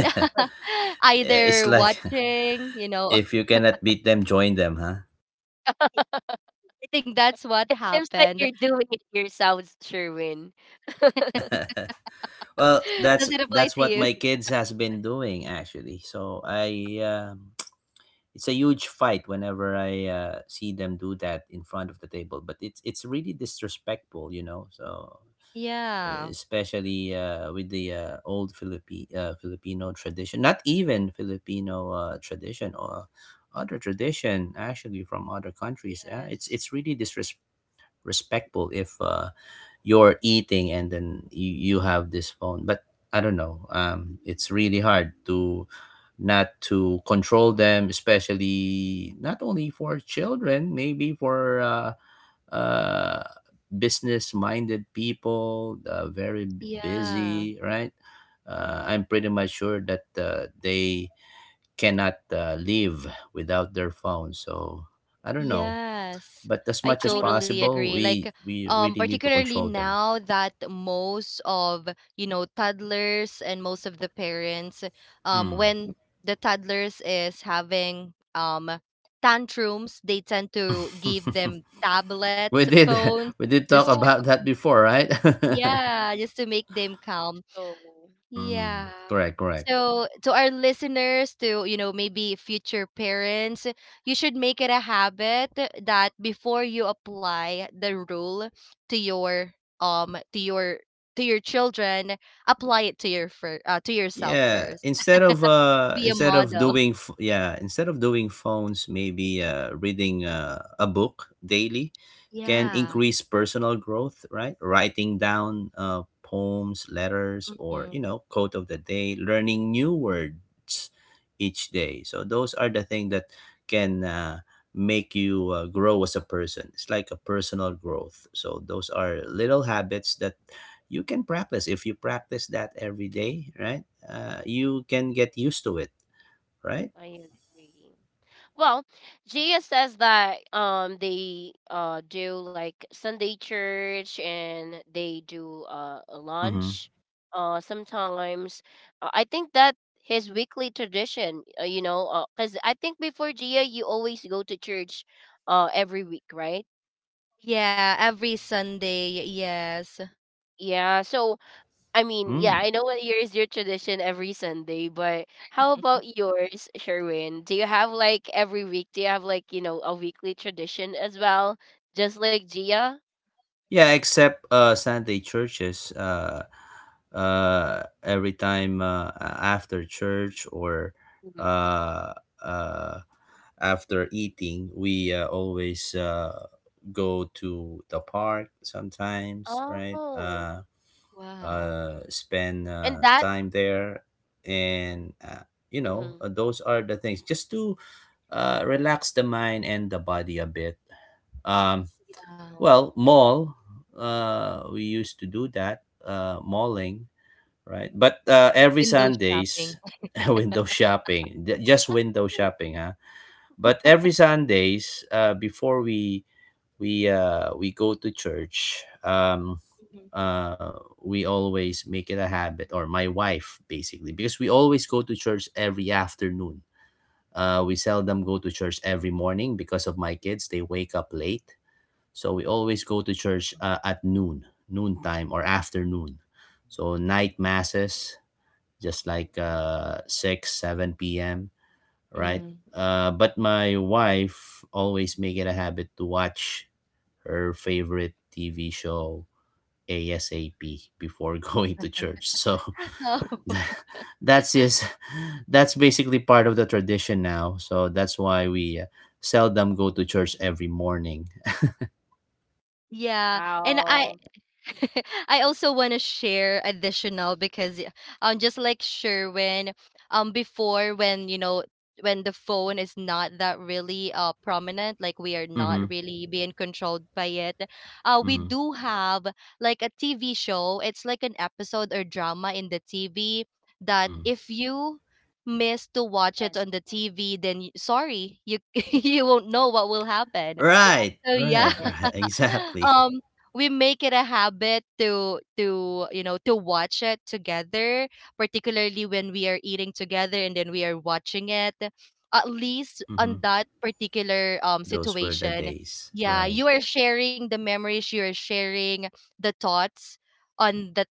[SPEAKER 2] [laughs]
[SPEAKER 3] Yeah. It's
[SPEAKER 2] Either
[SPEAKER 3] like [laughs]
[SPEAKER 2] watching, you know,
[SPEAKER 3] if you cannot beat them, join them,
[SPEAKER 2] think that's what
[SPEAKER 1] Seems like
[SPEAKER 2] happened.
[SPEAKER 1] you're doing it yourself, Sherwin.
[SPEAKER 3] huh? [laughs] Well,
[SPEAKER 2] [laughs]
[SPEAKER 3] that's
[SPEAKER 2] Does it apply
[SPEAKER 3] that's
[SPEAKER 2] to
[SPEAKER 3] what
[SPEAKER 2] you?
[SPEAKER 3] my kids has been doing actually. So I um [tsk] it's a huge fight whenever I uh, see them do that in front of the table, but it's it's really disrespectful, you know. So e-
[SPEAKER 2] Yeah.
[SPEAKER 3] especially uh, with the uh, old Philippi uh, Filipino tradition, not even Filipino uh, tradition or other tradition actually from other countries. Uh, it's
[SPEAKER 2] Yes.
[SPEAKER 3] it's really disrespectful respectful if uh, you're eating and then you, you have this phone. But I don't know. Um, it's really hard to not to control them, especially not only for children, maybe for uh, uh, business-minded people, uh, very b-
[SPEAKER 2] Yeah.
[SPEAKER 3] busy, right? Uh, I'm
[SPEAKER 1] True.
[SPEAKER 3] pretty much sure that uh, they cannot uh, live without their phone. So I don't know,
[SPEAKER 2] Yes.
[SPEAKER 3] but as
[SPEAKER 2] I
[SPEAKER 3] much
[SPEAKER 1] I
[SPEAKER 3] as
[SPEAKER 1] mean,
[SPEAKER 2] totally
[SPEAKER 1] even
[SPEAKER 3] possible,
[SPEAKER 2] agree. Like,
[SPEAKER 3] we we
[SPEAKER 2] um,
[SPEAKER 3] really need to
[SPEAKER 2] particularly
[SPEAKER 3] control them.
[SPEAKER 2] now that most of, you know, toddlers and most of the parents, um,
[SPEAKER 3] Mm.
[SPEAKER 2] when the toddlers is having um tantrums, they tend to give them
[SPEAKER 3] [laughs]
[SPEAKER 2] tablets,
[SPEAKER 3] we did
[SPEAKER 2] phones,
[SPEAKER 3] [laughs] We did talk
[SPEAKER 2] just to,
[SPEAKER 1] you,
[SPEAKER 3] about that before, right?
[SPEAKER 2] [laughs] yeah, just to make them calm.
[SPEAKER 1] so
[SPEAKER 3] [laughs] Mm,
[SPEAKER 2] Yeah.
[SPEAKER 3] correct, correct.
[SPEAKER 2] So to our listeners, to you know, maybe future parents, you should make it a habit that before you apply the rule to your um to your to your children, apply it to your fir- uh, to yourself
[SPEAKER 3] Yeah,
[SPEAKER 2] first.
[SPEAKER 3] instead of uh
[SPEAKER 2] Be a
[SPEAKER 3] instead of
[SPEAKER 2] model.
[SPEAKER 3] doing f- yeah, instead of doing phones, maybe uh reading uh, a book daily can
[SPEAKER 2] Yeah.
[SPEAKER 3] increase personal growth, right? Writing down uh poems, letters, or
[SPEAKER 2] Mm-mm.
[SPEAKER 3] you know, quote of the day, learning new words each day. So those are the things that can uh make you uh, grow as a person. It's like a personal growth. So those are little habits that you can practice. If you practice that every day, right, uh, you can get used to it, right.
[SPEAKER 1] I agree. Well, Gia says that um they uh do like Sunday church, and they do uh a
[SPEAKER 3] Mm-hmm.
[SPEAKER 1] lunch uh sometimes. Uh, I think that his weekly tradition, uh, you know, uh, cuz I think before, Gia, you always go to church uh every week, right?
[SPEAKER 2] Yeah, every Sunday. Yes.
[SPEAKER 1] Yeah, so I mean, yeah,
[SPEAKER 3] Mm.
[SPEAKER 1] I know what yours your tradition every Sunday, but how about
[SPEAKER 2] [laughs]
[SPEAKER 1] yours, Sherwin? Do you have like every week? Do you have like you know a weekly tradition as well, just like Gia?
[SPEAKER 3] Yeah, except uh, Sunday churches, uh, uh, every time uh, a- after church or
[SPEAKER 1] Hmm.
[SPEAKER 3] uh, uh, after eating we uh, always uh, go to the park sometimes, right,
[SPEAKER 1] Oh,
[SPEAKER 3] uh,
[SPEAKER 2] Wow.
[SPEAKER 3] uh, spend
[SPEAKER 1] and
[SPEAKER 3] uh,
[SPEAKER 1] that.
[SPEAKER 3] time there, and uh, you know,
[SPEAKER 1] Hmm.
[SPEAKER 3] uh, those are the things just to uh, relax the mind and the body a bit. Um,
[SPEAKER 2] Yeah.
[SPEAKER 3] well,
[SPEAKER 1] Oh.
[SPEAKER 3] mall, uh, we used to do that, uh, malling, right? But uh, every
[SPEAKER 2] Window
[SPEAKER 3] Sundays,
[SPEAKER 2] shopping.
[SPEAKER 3] [laughs] window shopping, ju- just window
[SPEAKER 2] [laughs]
[SPEAKER 3] shopping, huh? But every Sundays, uh, before we we uh, we go to church. Um,
[SPEAKER 2] Mm.
[SPEAKER 3] uh we always make it a habit, or my wife basically, because we always go to church every afternoon. Uh we seldom go to church every morning because of my kids. They wake up late. So we always go to church uh, at noon, noontime or afternoon. So night masses, just like uh six seven p m, right.
[SPEAKER 1] Hmm.
[SPEAKER 2] Mm-hmm.
[SPEAKER 3] Uh but my wife always make it a habit to watch her favorite T V show ASAP before [laughs] going to church. So
[SPEAKER 2] [laughs] Oh,
[SPEAKER 3] [laughs] that's is that's basically part of the tradition now. So that's why we uh, seldom go to church every morning.
[SPEAKER 2] yeah. And I
[SPEAKER 1] Wow.
[SPEAKER 2] [laughs] I also want to share additional because y- um just like Sherwin, um before when you know when the phone is not that really uh prominent, like we are not
[SPEAKER 3] Mm-hmm.
[SPEAKER 2] really being controlled by it, uh we
[SPEAKER 3] Mm-hmm.
[SPEAKER 2] do have like a T V show, it's like an episode or drama in the T V that
[SPEAKER 3] Mm.
[SPEAKER 2] if you miss to watch it
[SPEAKER 1] Yes.
[SPEAKER 2] on the T V, then y- sorry you [laughs] you won't know what will happen.
[SPEAKER 3] Right,
[SPEAKER 2] So yeah.
[SPEAKER 3] right,
[SPEAKER 1] Yes.
[SPEAKER 3] [laughs] right.
[SPEAKER 2] [laughs] [laughs]
[SPEAKER 3] Exactly.
[SPEAKER 2] um we make it a habit to to you know to watch it together, particularly when we are eating together and then we are watching it, at least
[SPEAKER 3] Mm-hmm.
[SPEAKER 2] on that particular um
[SPEAKER 3] Those were the
[SPEAKER 2] situation.
[SPEAKER 3] days.
[SPEAKER 2] Yeah,
[SPEAKER 3] Right,
[SPEAKER 2] you are sharing the memories, you are sharing the thoughts on that,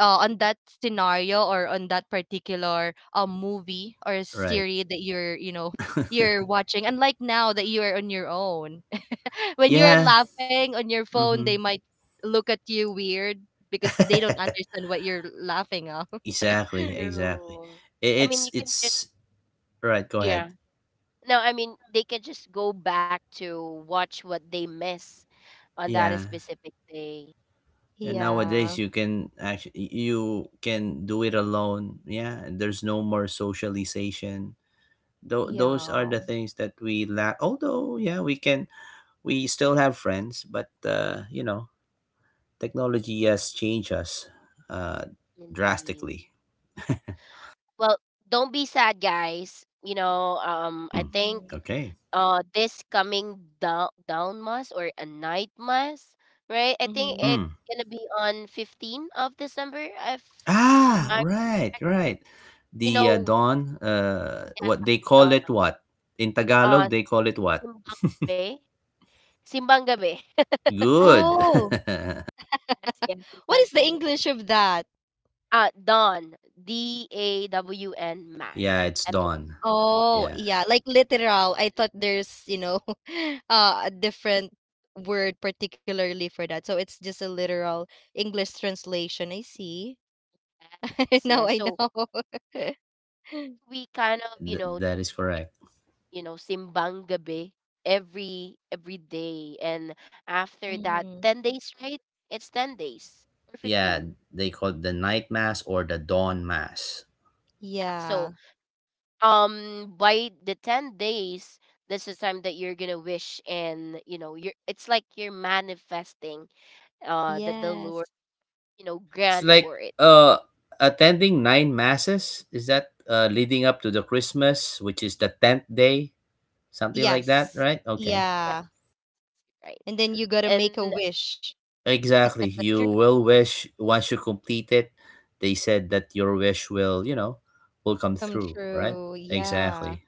[SPEAKER 2] uh, on that scenario or on that particular um movie or
[SPEAKER 3] right.
[SPEAKER 2] series that you're you know you're
[SPEAKER 3] [laughs]
[SPEAKER 2] watching. And like now that you are on your own, [laughs] when you're
[SPEAKER 3] Yeah.
[SPEAKER 2] laughing on your phone,
[SPEAKER 3] Mm-hmm.
[SPEAKER 2] they might look at you weird because
[SPEAKER 3] [laughs]
[SPEAKER 2] they don't understand what you're laughing of. [laughs]
[SPEAKER 3] Exactly, exactly.
[SPEAKER 1] True.
[SPEAKER 3] I-
[SPEAKER 1] I mean,
[SPEAKER 3] It's
[SPEAKER 1] you can just
[SPEAKER 3] it's right. Go ahead.
[SPEAKER 1] yeah. No, I mean they can just go back to watch what they miss on that
[SPEAKER 3] Yeah.
[SPEAKER 1] specific day.
[SPEAKER 3] And
[SPEAKER 2] Yeah.
[SPEAKER 3] nowadays you can actually you can do it alone. Yeah, and there's no more socialization. Tho- those are
[SPEAKER 2] Yeah.
[SPEAKER 3] the things that we lack. Although, yeah, we can we still have friends, but uh, you know, technology has changed us, uh,
[SPEAKER 1] Indeed.
[SPEAKER 3] drastically. [laughs]
[SPEAKER 1] Well, don't be sad, guys. You know, um, I
[SPEAKER 3] Mm,
[SPEAKER 1] think
[SPEAKER 2] Mm-hmm.
[SPEAKER 3] okay.
[SPEAKER 1] uh this coming down down mass or a night mass, right? I think
[SPEAKER 2] Mm-hmm.
[SPEAKER 1] it's
[SPEAKER 3] Mm.
[SPEAKER 1] gonna be on fifteenth of December. If
[SPEAKER 3] Ah,
[SPEAKER 2] Hmm.
[SPEAKER 1] I'm
[SPEAKER 3] right,
[SPEAKER 1] correct.
[SPEAKER 3] right.
[SPEAKER 1] you
[SPEAKER 3] The uh,
[SPEAKER 1] know,
[SPEAKER 3] dawn, uh,
[SPEAKER 1] yeah,
[SPEAKER 3] what they
[SPEAKER 1] the
[SPEAKER 3] call it,
[SPEAKER 1] dawn.
[SPEAKER 3] what in Tagalog
[SPEAKER 1] Uh,
[SPEAKER 3] they call it, what?
[SPEAKER 1] simbang gabi, simbang gabi. [laughs]
[SPEAKER 3] Good.
[SPEAKER 2] Oh,
[SPEAKER 3] [laughs]
[SPEAKER 1] Yes, yes,
[SPEAKER 2] what
[SPEAKER 1] simbang
[SPEAKER 2] is the
[SPEAKER 1] gabi.
[SPEAKER 2] English of that?
[SPEAKER 1] Uh, dawn, D A W N
[SPEAKER 3] Yeah,
[SPEAKER 1] mass,
[SPEAKER 3] it's
[SPEAKER 1] M A
[SPEAKER 3] dawn.
[SPEAKER 2] Oh,
[SPEAKER 3] Yeah,
[SPEAKER 2] yeah, like literal. I thought there's, you know, [laughs] uh, a different word particularly for that. So it's just a literal English translation. I see. [laughs]
[SPEAKER 1] S.
[SPEAKER 2] Now
[SPEAKER 1] Yeah,
[SPEAKER 2] I
[SPEAKER 1] so
[SPEAKER 2] know. [laughs]
[SPEAKER 1] we kind
[SPEAKER 3] that,
[SPEAKER 1] of you
[SPEAKER 3] that that
[SPEAKER 1] know.
[SPEAKER 3] is correct.
[SPEAKER 1] you know, simbang gabi every every day. And after that,
[SPEAKER 2] Hmm.
[SPEAKER 1] ten days, right? It's ten days or
[SPEAKER 3] Yeah,
[SPEAKER 1] fifteen.
[SPEAKER 3] they call it the night mass or the dawn mass.
[SPEAKER 1] Yeah, so
[SPEAKER 2] Yeah.
[SPEAKER 1] um by the ten days, that's the time that you're going to wish, and, you know, you're it's like you're manifesting uh that the Lord,
[SPEAKER 2] Yes.
[SPEAKER 1] you know,
[SPEAKER 3] It's
[SPEAKER 1] grant
[SPEAKER 3] like
[SPEAKER 1] for it.
[SPEAKER 3] uh attending nine masses. Is that uh leading up to the Christmas, which is the tenth day, something like
[SPEAKER 2] Yes.
[SPEAKER 3] that,
[SPEAKER 1] Yes.
[SPEAKER 3] right? Okay,
[SPEAKER 1] Yes,
[SPEAKER 2] Yeah.
[SPEAKER 1] right.
[SPEAKER 2] And then you gotta
[SPEAKER 1] And
[SPEAKER 2] make a wish
[SPEAKER 3] exactly. You will wish once you complete it. They said that your wish will, you know, will come
[SPEAKER 2] come
[SPEAKER 3] through, right?
[SPEAKER 2] true. Yeah.
[SPEAKER 3] Exactly.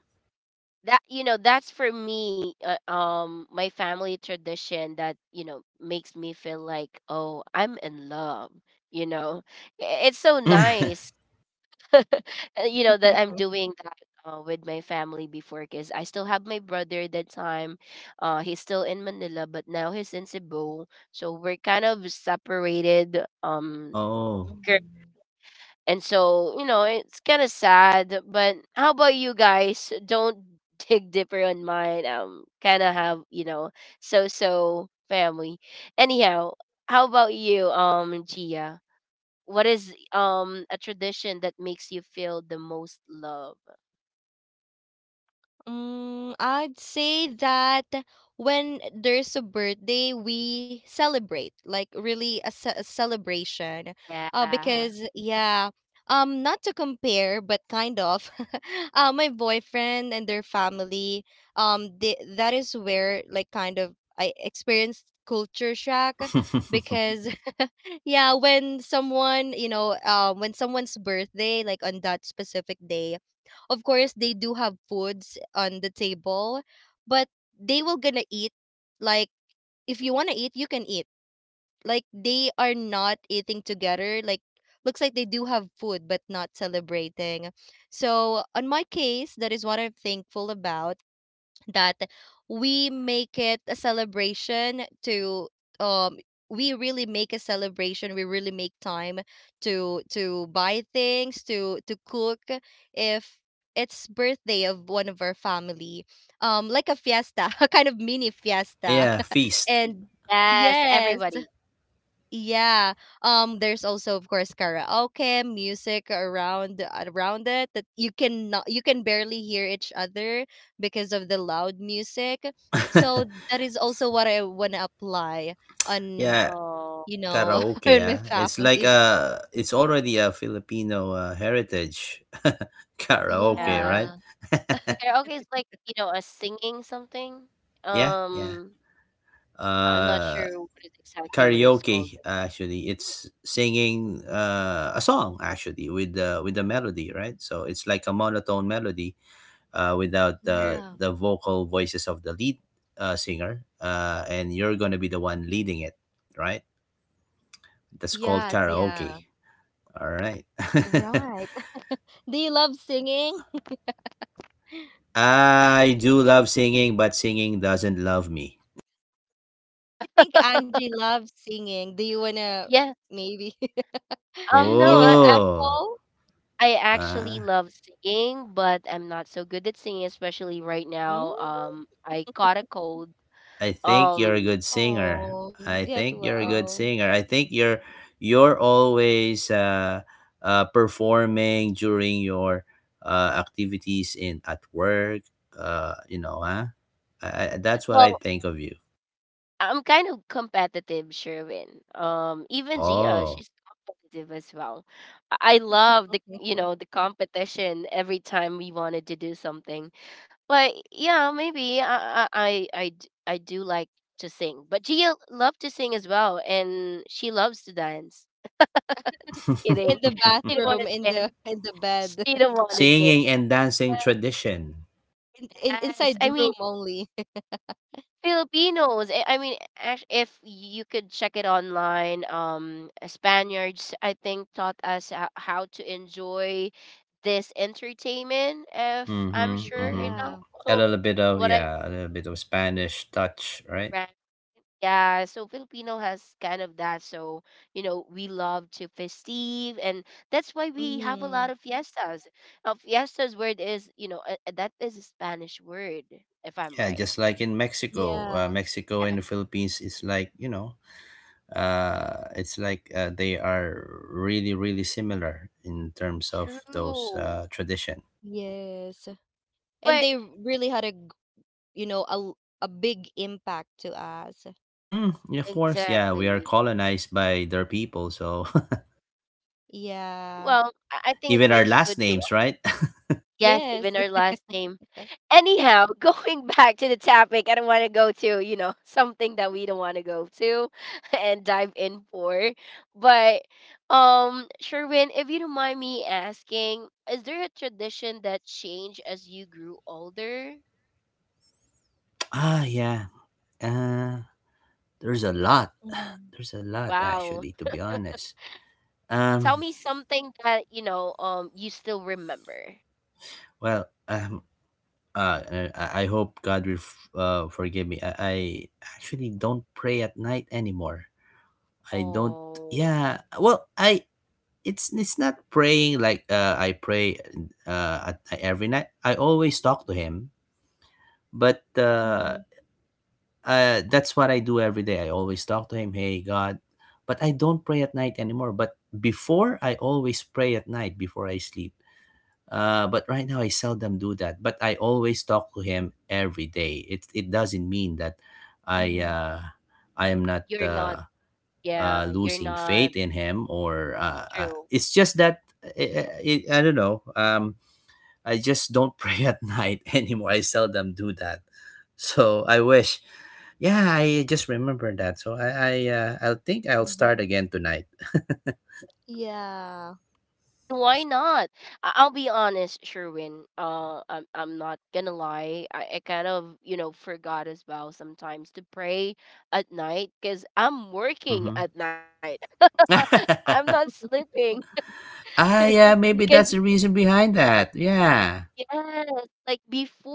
[SPEAKER 1] that you know that's for me, uh, um my family tradition that you know makes me feel like, oh, I'm in love. you know I- it's so nice,
[SPEAKER 3] [laughs]
[SPEAKER 1] uh, you know that I'm doing that uh, with my family before, because I still have my brother at that time. Uh he's still in Manila, but now he's in Cebu, so we're kind of separated um
[SPEAKER 3] Oh.
[SPEAKER 2] [laughs]
[SPEAKER 1] and so, you know, it's kind of sad, but how about you guys? Don't dig deeper on mine. Um, kind of have, you know, so so family. Anyhow, how about you, um, Gia? What is um a tradition that makes you feel the most love?
[SPEAKER 2] Mm, I'd say that when there's a birthday, we celebrate, like really a, ce- a celebration. Uh,
[SPEAKER 1] Yeah.
[SPEAKER 2] because yeah, um, not to compare, but kind of, [laughs] uh, my boyfriend and their family, um, they, that is where like kind of I experienced culture shock.
[SPEAKER 3] [laughs]
[SPEAKER 2] Because [laughs] yeah, when someone, you know, um, when someone's birthday, like on that specific day of course they do have foods on the table, but they will gonna eat, like if you want to eat you can eat, like they are not eating together, like looks like they do have food but not celebrating. So on my case, that is what I'm thankful about, that we make it a celebration to um we really make a celebration, we really make time to to buy things, to to cook if it's birthday of one of our family. Um like a fiesta, [laughs] a kind of mini fiesta.
[SPEAKER 3] Yeah,
[SPEAKER 2] [laughs]
[SPEAKER 3] feast.
[SPEAKER 2] And
[SPEAKER 1] Yes,
[SPEAKER 2] yes,
[SPEAKER 1] everybody.
[SPEAKER 2] yeah. Um there's also of course karaoke, music around around it that you can not you can barely hear each other because of the loud music. So
[SPEAKER 3] [laughs]
[SPEAKER 2] that is also what I want to apply on,
[SPEAKER 3] Yeah,
[SPEAKER 1] Oh,
[SPEAKER 2] you know, [laughs] on
[SPEAKER 3] karaoke,
[SPEAKER 2] my
[SPEAKER 3] ah it's like
[SPEAKER 2] family.
[SPEAKER 3] uh it's already a Filipino uh, heritage. [laughs] Karaoke,
[SPEAKER 1] yeah.
[SPEAKER 3] right.
[SPEAKER 2] Yeah.
[SPEAKER 3] [laughs]
[SPEAKER 1] Karaoke is like, you know, a singing something.
[SPEAKER 3] Yeah, yeah,
[SPEAKER 1] Um, I'm not
[SPEAKER 3] uh
[SPEAKER 1] sure what is exactly what it's called,
[SPEAKER 3] karaoke
[SPEAKER 1] but
[SPEAKER 3] actually it's singing uh a song actually with the with the melody, right. So it's like a monotone melody uh without
[SPEAKER 1] true.
[SPEAKER 3] the
[SPEAKER 2] Yeah.
[SPEAKER 3] the vocal voices of the lead, uh, singer, uh and you're gonna be the one leading it, right. That's called
[SPEAKER 2] Yes,
[SPEAKER 3] karaoke,
[SPEAKER 2] yeah.
[SPEAKER 3] all right. [laughs]
[SPEAKER 2] Right. [laughs] Do you love singing?
[SPEAKER 3] I do love singing, but singing doesn't love me.
[SPEAKER 2] I think Angie loves singing. Do you want to
[SPEAKER 1] Yeah,
[SPEAKER 2] maybe [laughs]
[SPEAKER 1] Um, no,
[SPEAKER 2] give a
[SPEAKER 1] I ac
[SPEAKER 3] Oh,
[SPEAKER 2] sample?
[SPEAKER 1] I actually
[SPEAKER 3] ah,
[SPEAKER 1] love singing, but I'm not so good at singing, especially right
[SPEAKER 2] Mm?
[SPEAKER 1] now. Um, I caught a cold.
[SPEAKER 3] I think you're a
[SPEAKER 1] Um,
[SPEAKER 3] good singer.
[SPEAKER 2] Oh,
[SPEAKER 3] I
[SPEAKER 2] get
[SPEAKER 3] think you're a
[SPEAKER 1] r-
[SPEAKER 3] good
[SPEAKER 2] well.
[SPEAKER 3] singer. I think you're you're always uh, uh, performing during your uh, activities in at work. Uh, you know, huh? I, I- that's what I
[SPEAKER 1] well,
[SPEAKER 3] think of you.
[SPEAKER 1] I'm kind of competitive, Sherwin. Um, even Gia,
[SPEAKER 3] Oh.
[SPEAKER 1] she's competitive as well. I I love the, you know, the competition every time we wanted to do something. But yeah, maybe I I I I d- I do like to sing. But Gia loved to sing as well, and she loves to dance. Just
[SPEAKER 2] In
[SPEAKER 1] kidding.
[SPEAKER 2] the
[SPEAKER 1] [laughs]
[SPEAKER 3] [laughs]
[SPEAKER 1] They don't want
[SPEAKER 2] bathroom, in
[SPEAKER 1] to dance.
[SPEAKER 2] the in the bed,
[SPEAKER 1] They
[SPEAKER 2] [laughs]
[SPEAKER 1] don't want to
[SPEAKER 3] Singing and dancing tradition.
[SPEAKER 2] in, in
[SPEAKER 1] dance.
[SPEAKER 2] inside
[SPEAKER 1] I
[SPEAKER 2] the room
[SPEAKER 1] mean,
[SPEAKER 2] only. [laughs]
[SPEAKER 1] Filipinos. I I mean, act- if you could check it online, um, Spaniards, I think, taught us ho- how to enjoy this entertainment, if I'm
[SPEAKER 3] Mm-hmm.
[SPEAKER 1] sure
[SPEAKER 3] Mm-hmm.
[SPEAKER 2] Yeah.
[SPEAKER 1] enough
[SPEAKER 3] A
[SPEAKER 1] of
[SPEAKER 3] little bit of
[SPEAKER 1] what I.
[SPEAKER 3] Yeah, a little bit of Spanish touch, right?
[SPEAKER 1] Yeah, so Filipino has kind of that. So, you know, we love to festive, and that's why we have a
[SPEAKER 2] Mm-hmm.
[SPEAKER 1] lot of fiestas. Uh, fiestas word is, you know, uh, uh, that is a Spanish word, if I'm
[SPEAKER 3] Yeah,
[SPEAKER 1] right.
[SPEAKER 3] just like in Mexico, uh,
[SPEAKER 2] Yeah.
[SPEAKER 3] Mexico and
[SPEAKER 1] Uh,
[SPEAKER 3] the Philippines is like, you know, uh, it's like uh, they are really really similar in terms of
[SPEAKER 1] True.
[SPEAKER 3] those uh, tradition.
[SPEAKER 2] Yes. And
[SPEAKER 1] But
[SPEAKER 2] they really had a, g- you know, a l- a big impact to us.
[SPEAKER 3] Mm, yeah, of course, yeah, we are
[SPEAKER 1] exactly.
[SPEAKER 3] colonized by their people, so.
[SPEAKER 2] Yeah.
[SPEAKER 1] Well, I I
[SPEAKER 3] [laughs]
[SPEAKER 1] think it
[SPEAKER 3] Even our
[SPEAKER 1] brings
[SPEAKER 3] last
[SPEAKER 1] good to,
[SPEAKER 3] names, right?
[SPEAKER 1] yes,
[SPEAKER 2] Yes.
[SPEAKER 1] even our last name. Anyhow, [laughs] going back to the topic, I don't want to go to, you know, something that we don't want to go to [laughs] and dive in for. But um Sherwin, if you don't mind me asking, is there a tradition that changed as you grew older?
[SPEAKER 3] [laughs] Ah, yeah. Uh, there's a lot. [sighs]
[SPEAKER 2] Mm-hmm.
[SPEAKER 3] There's a lot
[SPEAKER 1] Wow.
[SPEAKER 3] actually, to be honest.
[SPEAKER 1] [laughs] Tell
[SPEAKER 3] Um,
[SPEAKER 1] me something that, you know, um you still remember.
[SPEAKER 3] well, um, uh, and I I hope God will f- uh, forgive me. I, I actually don't pray at night anymore. I don't.
[SPEAKER 1] Oh,
[SPEAKER 3] Yeah. Well, I it's it's not praying like, uh, I pray uh, at, night- every night. I always talk to Him, but uh,
[SPEAKER 2] Mm-hmm.
[SPEAKER 3] uh, that's what I do every day. I always talk to Him. Hey God. But I don't pray at night anymore. But before, I always pray at night before I sleep. Uh, but right now I seldom do that. But I always talk to him every day. It it doesn't mean that I
[SPEAKER 2] Mm-hmm.
[SPEAKER 3] uh, I am not
[SPEAKER 1] you're not.
[SPEAKER 3] uh,
[SPEAKER 1] Yeah,
[SPEAKER 3] uh,
[SPEAKER 1] you're
[SPEAKER 3] losing
[SPEAKER 1] not
[SPEAKER 3] faith in him, or uh, uh,
[SPEAKER 1] true.
[SPEAKER 3] it's just that I, I, I don't know. Um, I just don't [laughs] pray at night anymore. I seldom do that. So I wish. Yeah, I just remember that. So I I uh, I'll think I'll start
[SPEAKER 2] Mm-hmm.
[SPEAKER 3] again tonight.
[SPEAKER 2] Yeah.
[SPEAKER 1] I mean, why not? I- I'll be honest, Sherwin. Uh, I'm I'm not gonna lie. I, I kind of, you know, forgot as well sometimes to pray at night because I'm working
[SPEAKER 3] Mm-hmm.
[SPEAKER 1] at night. [laughs] I'm
[SPEAKER 3] [laughs]
[SPEAKER 1] not sleeping.
[SPEAKER 3] Ah,
[SPEAKER 1] [laughs]
[SPEAKER 3] yeah, maybe that's
[SPEAKER 1] Because
[SPEAKER 3] the reason behind that. Yeah.
[SPEAKER 1] yes, like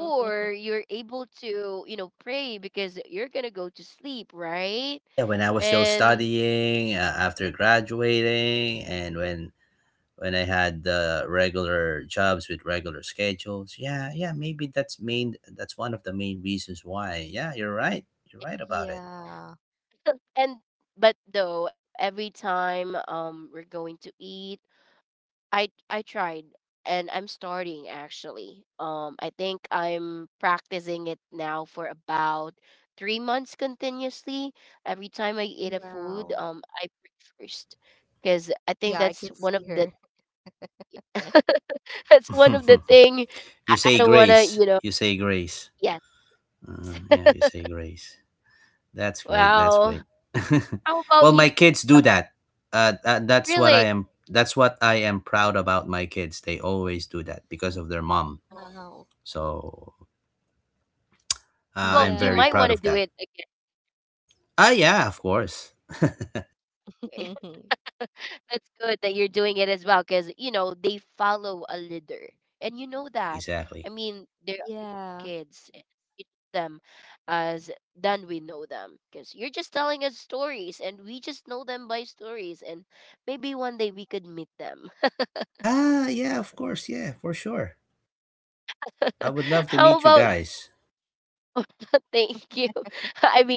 [SPEAKER 2] [laughs]
[SPEAKER 1] you're able to, you know, pray because you're gonna go to sleep, right?
[SPEAKER 3] Yeah, when I was still
[SPEAKER 1] And
[SPEAKER 3] studying, uh, after graduating, and when when I had the regular jobs with regular schedules. Yeah, yeah, maybe that's main that's one of the main reasons why. Yeah, you're right, you're right about it.
[SPEAKER 2] Yeah.
[SPEAKER 1] [laughs] and but though every time um we're going to eat, I I tried, and I'm starting actually. Um I think I'm practicing it now for about three months continuously. Every time I eat a food,
[SPEAKER 2] Wow.
[SPEAKER 1] um I break first because I
[SPEAKER 2] Yeah,
[SPEAKER 1] think
[SPEAKER 2] I
[SPEAKER 1] that's
[SPEAKER 2] can
[SPEAKER 1] one
[SPEAKER 2] see
[SPEAKER 1] of the
[SPEAKER 2] her.
[SPEAKER 1] [laughs] that's one of the
[SPEAKER 3] [laughs]
[SPEAKER 1] thing
[SPEAKER 3] You
[SPEAKER 1] I
[SPEAKER 3] say
[SPEAKER 1] don't want to,
[SPEAKER 3] grace,
[SPEAKER 1] you know,
[SPEAKER 3] you say grace,
[SPEAKER 1] yes.
[SPEAKER 3] uh, yeah,
[SPEAKER 1] [laughs]
[SPEAKER 3] you say grace. That's great, that's
[SPEAKER 1] Wow.
[SPEAKER 3] great. [laughs]
[SPEAKER 1] How about
[SPEAKER 3] Well,
[SPEAKER 1] you?
[SPEAKER 3] my kids do that. Uh, uh, that's what i
[SPEAKER 1] Really?
[SPEAKER 3] am that's what I am proud about my kids. They always do that because of their mom,
[SPEAKER 1] Oh,
[SPEAKER 2] Wow.
[SPEAKER 3] so.
[SPEAKER 1] well,
[SPEAKER 3] Uh,
[SPEAKER 1] you
[SPEAKER 3] I'm
[SPEAKER 1] might want
[SPEAKER 3] very
[SPEAKER 1] to do
[SPEAKER 3] proud
[SPEAKER 2] Yeah.
[SPEAKER 3] of
[SPEAKER 1] it
[SPEAKER 3] that.
[SPEAKER 1] again.
[SPEAKER 3] Ah, yeah, of course. [laughs]
[SPEAKER 1] [laughs]
[SPEAKER 2] [laughs]
[SPEAKER 1] [laughs] That's good that you're doing it as well because, you know, they follow a leader. And you know that.
[SPEAKER 3] Exactly.
[SPEAKER 1] I mean, there are your
[SPEAKER 2] Yeah.
[SPEAKER 1] kids. And you know them as then we know them because you're just telling us stories and we just know them by stories. And maybe one day we could meet them.
[SPEAKER 3] Ah, yeah, of course. Yeah, for sure. I would
[SPEAKER 1] [laughs]
[SPEAKER 3] love to
[SPEAKER 1] How
[SPEAKER 3] meet you
[SPEAKER 1] about you?
[SPEAKER 3] guys.
[SPEAKER 1] [laughs] Thank you. [laughs] I mean,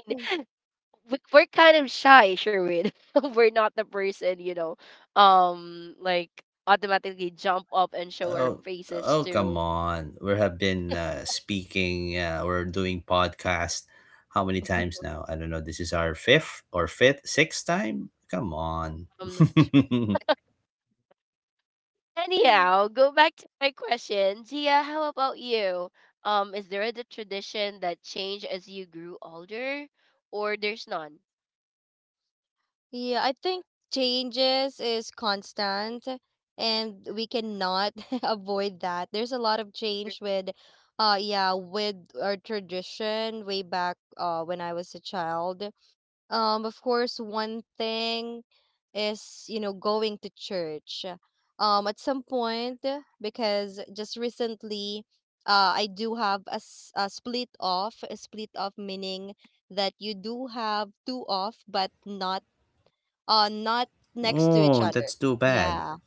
[SPEAKER 1] we- we're kind of shy, Sherwin. [laughs] We're not the person, you know, um, like automatically jump up and show our
[SPEAKER 3] Oh,
[SPEAKER 1] faces
[SPEAKER 3] oh, come
[SPEAKER 1] to.
[SPEAKER 3] on. We have been uh, speaking, uh, or doing podcast. How many times
[SPEAKER 2] [laughs]
[SPEAKER 3] now? I don't know. This is our fifth, or fifth, sixth time. Come on.
[SPEAKER 1] I'm not sure.
[SPEAKER 3] [laughs]
[SPEAKER 1] Anyhow, go back to my question. Gia, how about you? Um, is there a tradition that changed as you grew older, or there's none?
[SPEAKER 2] Yeah, I think changes is constant and we cannot [laughs] avoid that. There's a lot of
[SPEAKER 1] There-
[SPEAKER 2] change with uh yeah, with our tradition way back uh when I was a child. Um of course one thing is you know going to church um at some point, because just recently uh I do have a, s- a split off, a split off meaning that you do have two off but not uh not next to each
[SPEAKER 3] Oh,
[SPEAKER 2] other.
[SPEAKER 3] that's too bad.
[SPEAKER 2] Yeah,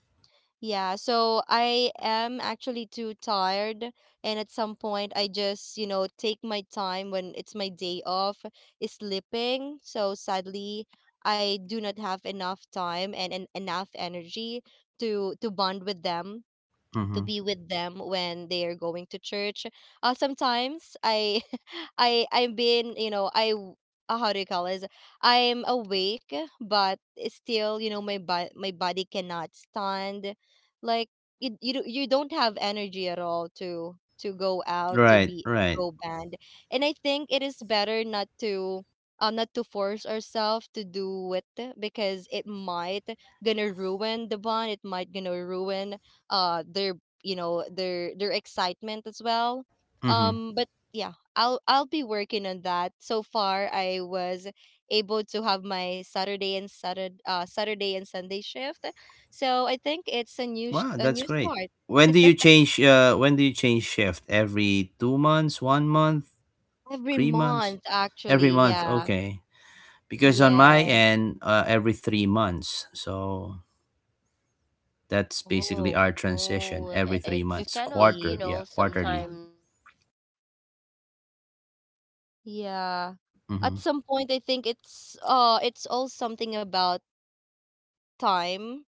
[SPEAKER 2] yeah, so I am actually too tired, and at some point, I just, you know, take my time when it's my day off, is sleeping. So sadly, I do not have enough time and, and enough energy to to bond with them, to
[SPEAKER 3] Mm-hmm.
[SPEAKER 2] be with them when they are going to church. Uh, sometimes I, [laughs] I, I've been, you know, I, w- uh, how do you call this? I'm awake, but it's still, you know, my bo- my body cannot stand. Like you, you, do- you don't have energy at all to to go out, to
[SPEAKER 3] Right,
[SPEAKER 2] be
[SPEAKER 3] right.
[SPEAKER 2] go band. And I think it is better not to. Uh, not to force ourselves to do it because it might gonna ruin the bond, it might gonna ruin uh their you know their their excitement as well.
[SPEAKER 3] Mhm.
[SPEAKER 2] Um but yeah, i'll i'll be working on that. So far I was able to have my Saturday and Saturday, uh, Saturday and Sunday shift. So I think it's a new sh-
[SPEAKER 3] Wow,
[SPEAKER 2] a
[SPEAKER 3] that's
[SPEAKER 2] new
[SPEAKER 3] great.
[SPEAKER 2] start.
[SPEAKER 3] When do you change? Uh, when do you change shift? Every two months, one month,
[SPEAKER 2] Every
[SPEAKER 3] three months,
[SPEAKER 2] month
[SPEAKER 3] every
[SPEAKER 2] actually,
[SPEAKER 3] month?
[SPEAKER 2] yeah.
[SPEAKER 3] Okay, because on my
[SPEAKER 2] Yes.
[SPEAKER 3] end, uh, every three months. So that's basically
[SPEAKER 2] Oh,
[SPEAKER 3] our transition.
[SPEAKER 1] Oh, i-
[SPEAKER 3] Every three
[SPEAKER 1] it's
[SPEAKER 2] shift
[SPEAKER 3] months,
[SPEAKER 1] kind of, you
[SPEAKER 3] quarter.
[SPEAKER 2] lead,
[SPEAKER 3] Yeah,
[SPEAKER 1] know,
[SPEAKER 3] quarterly.
[SPEAKER 2] yeah.
[SPEAKER 1] sometimes um uh have a
[SPEAKER 2] Yeah,
[SPEAKER 1] trouble
[SPEAKER 3] Mm-hmm.
[SPEAKER 1] with.
[SPEAKER 2] at some point I think it's uh it's all something about time.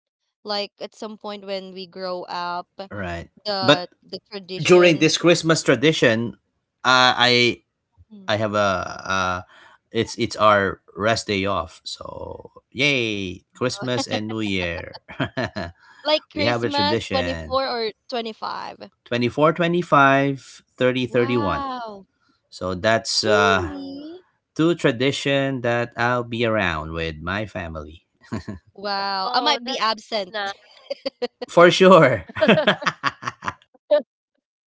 [SPEAKER 2] Like at some point when we grow up,
[SPEAKER 3] Right. But
[SPEAKER 2] the the
[SPEAKER 3] during
[SPEAKER 2] tradition.
[SPEAKER 3] this Christmas tradition, uh, I
[SPEAKER 2] Mm.
[SPEAKER 3] I have a, uh, it's it's our rest day off. So yay, Christmas and
[SPEAKER 2] [laughs]
[SPEAKER 3] New Year. [laughs]
[SPEAKER 2] Like
[SPEAKER 3] We have a
[SPEAKER 2] Christmas
[SPEAKER 3] tradition,
[SPEAKER 2] twenty four or twenty five.
[SPEAKER 3] twenty four, twenty five, thirty, thirty one.
[SPEAKER 2] Wow.
[SPEAKER 3] So that's uh
[SPEAKER 1] Oh,
[SPEAKER 2] Really?
[SPEAKER 3] two tradition that I'll be around with my family.
[SPEAKER 2] Wow. I
[SPEAKER 1] oh,
[SPEAKER 2] might be
[SPEAKER 1] that's not.
[SPEAKER 2] absent. [laughs]
[SPEAKER 3] [laughs] For sure.
[SPEAKER 1] [laughs]
[SPEAKER 3] [laughs]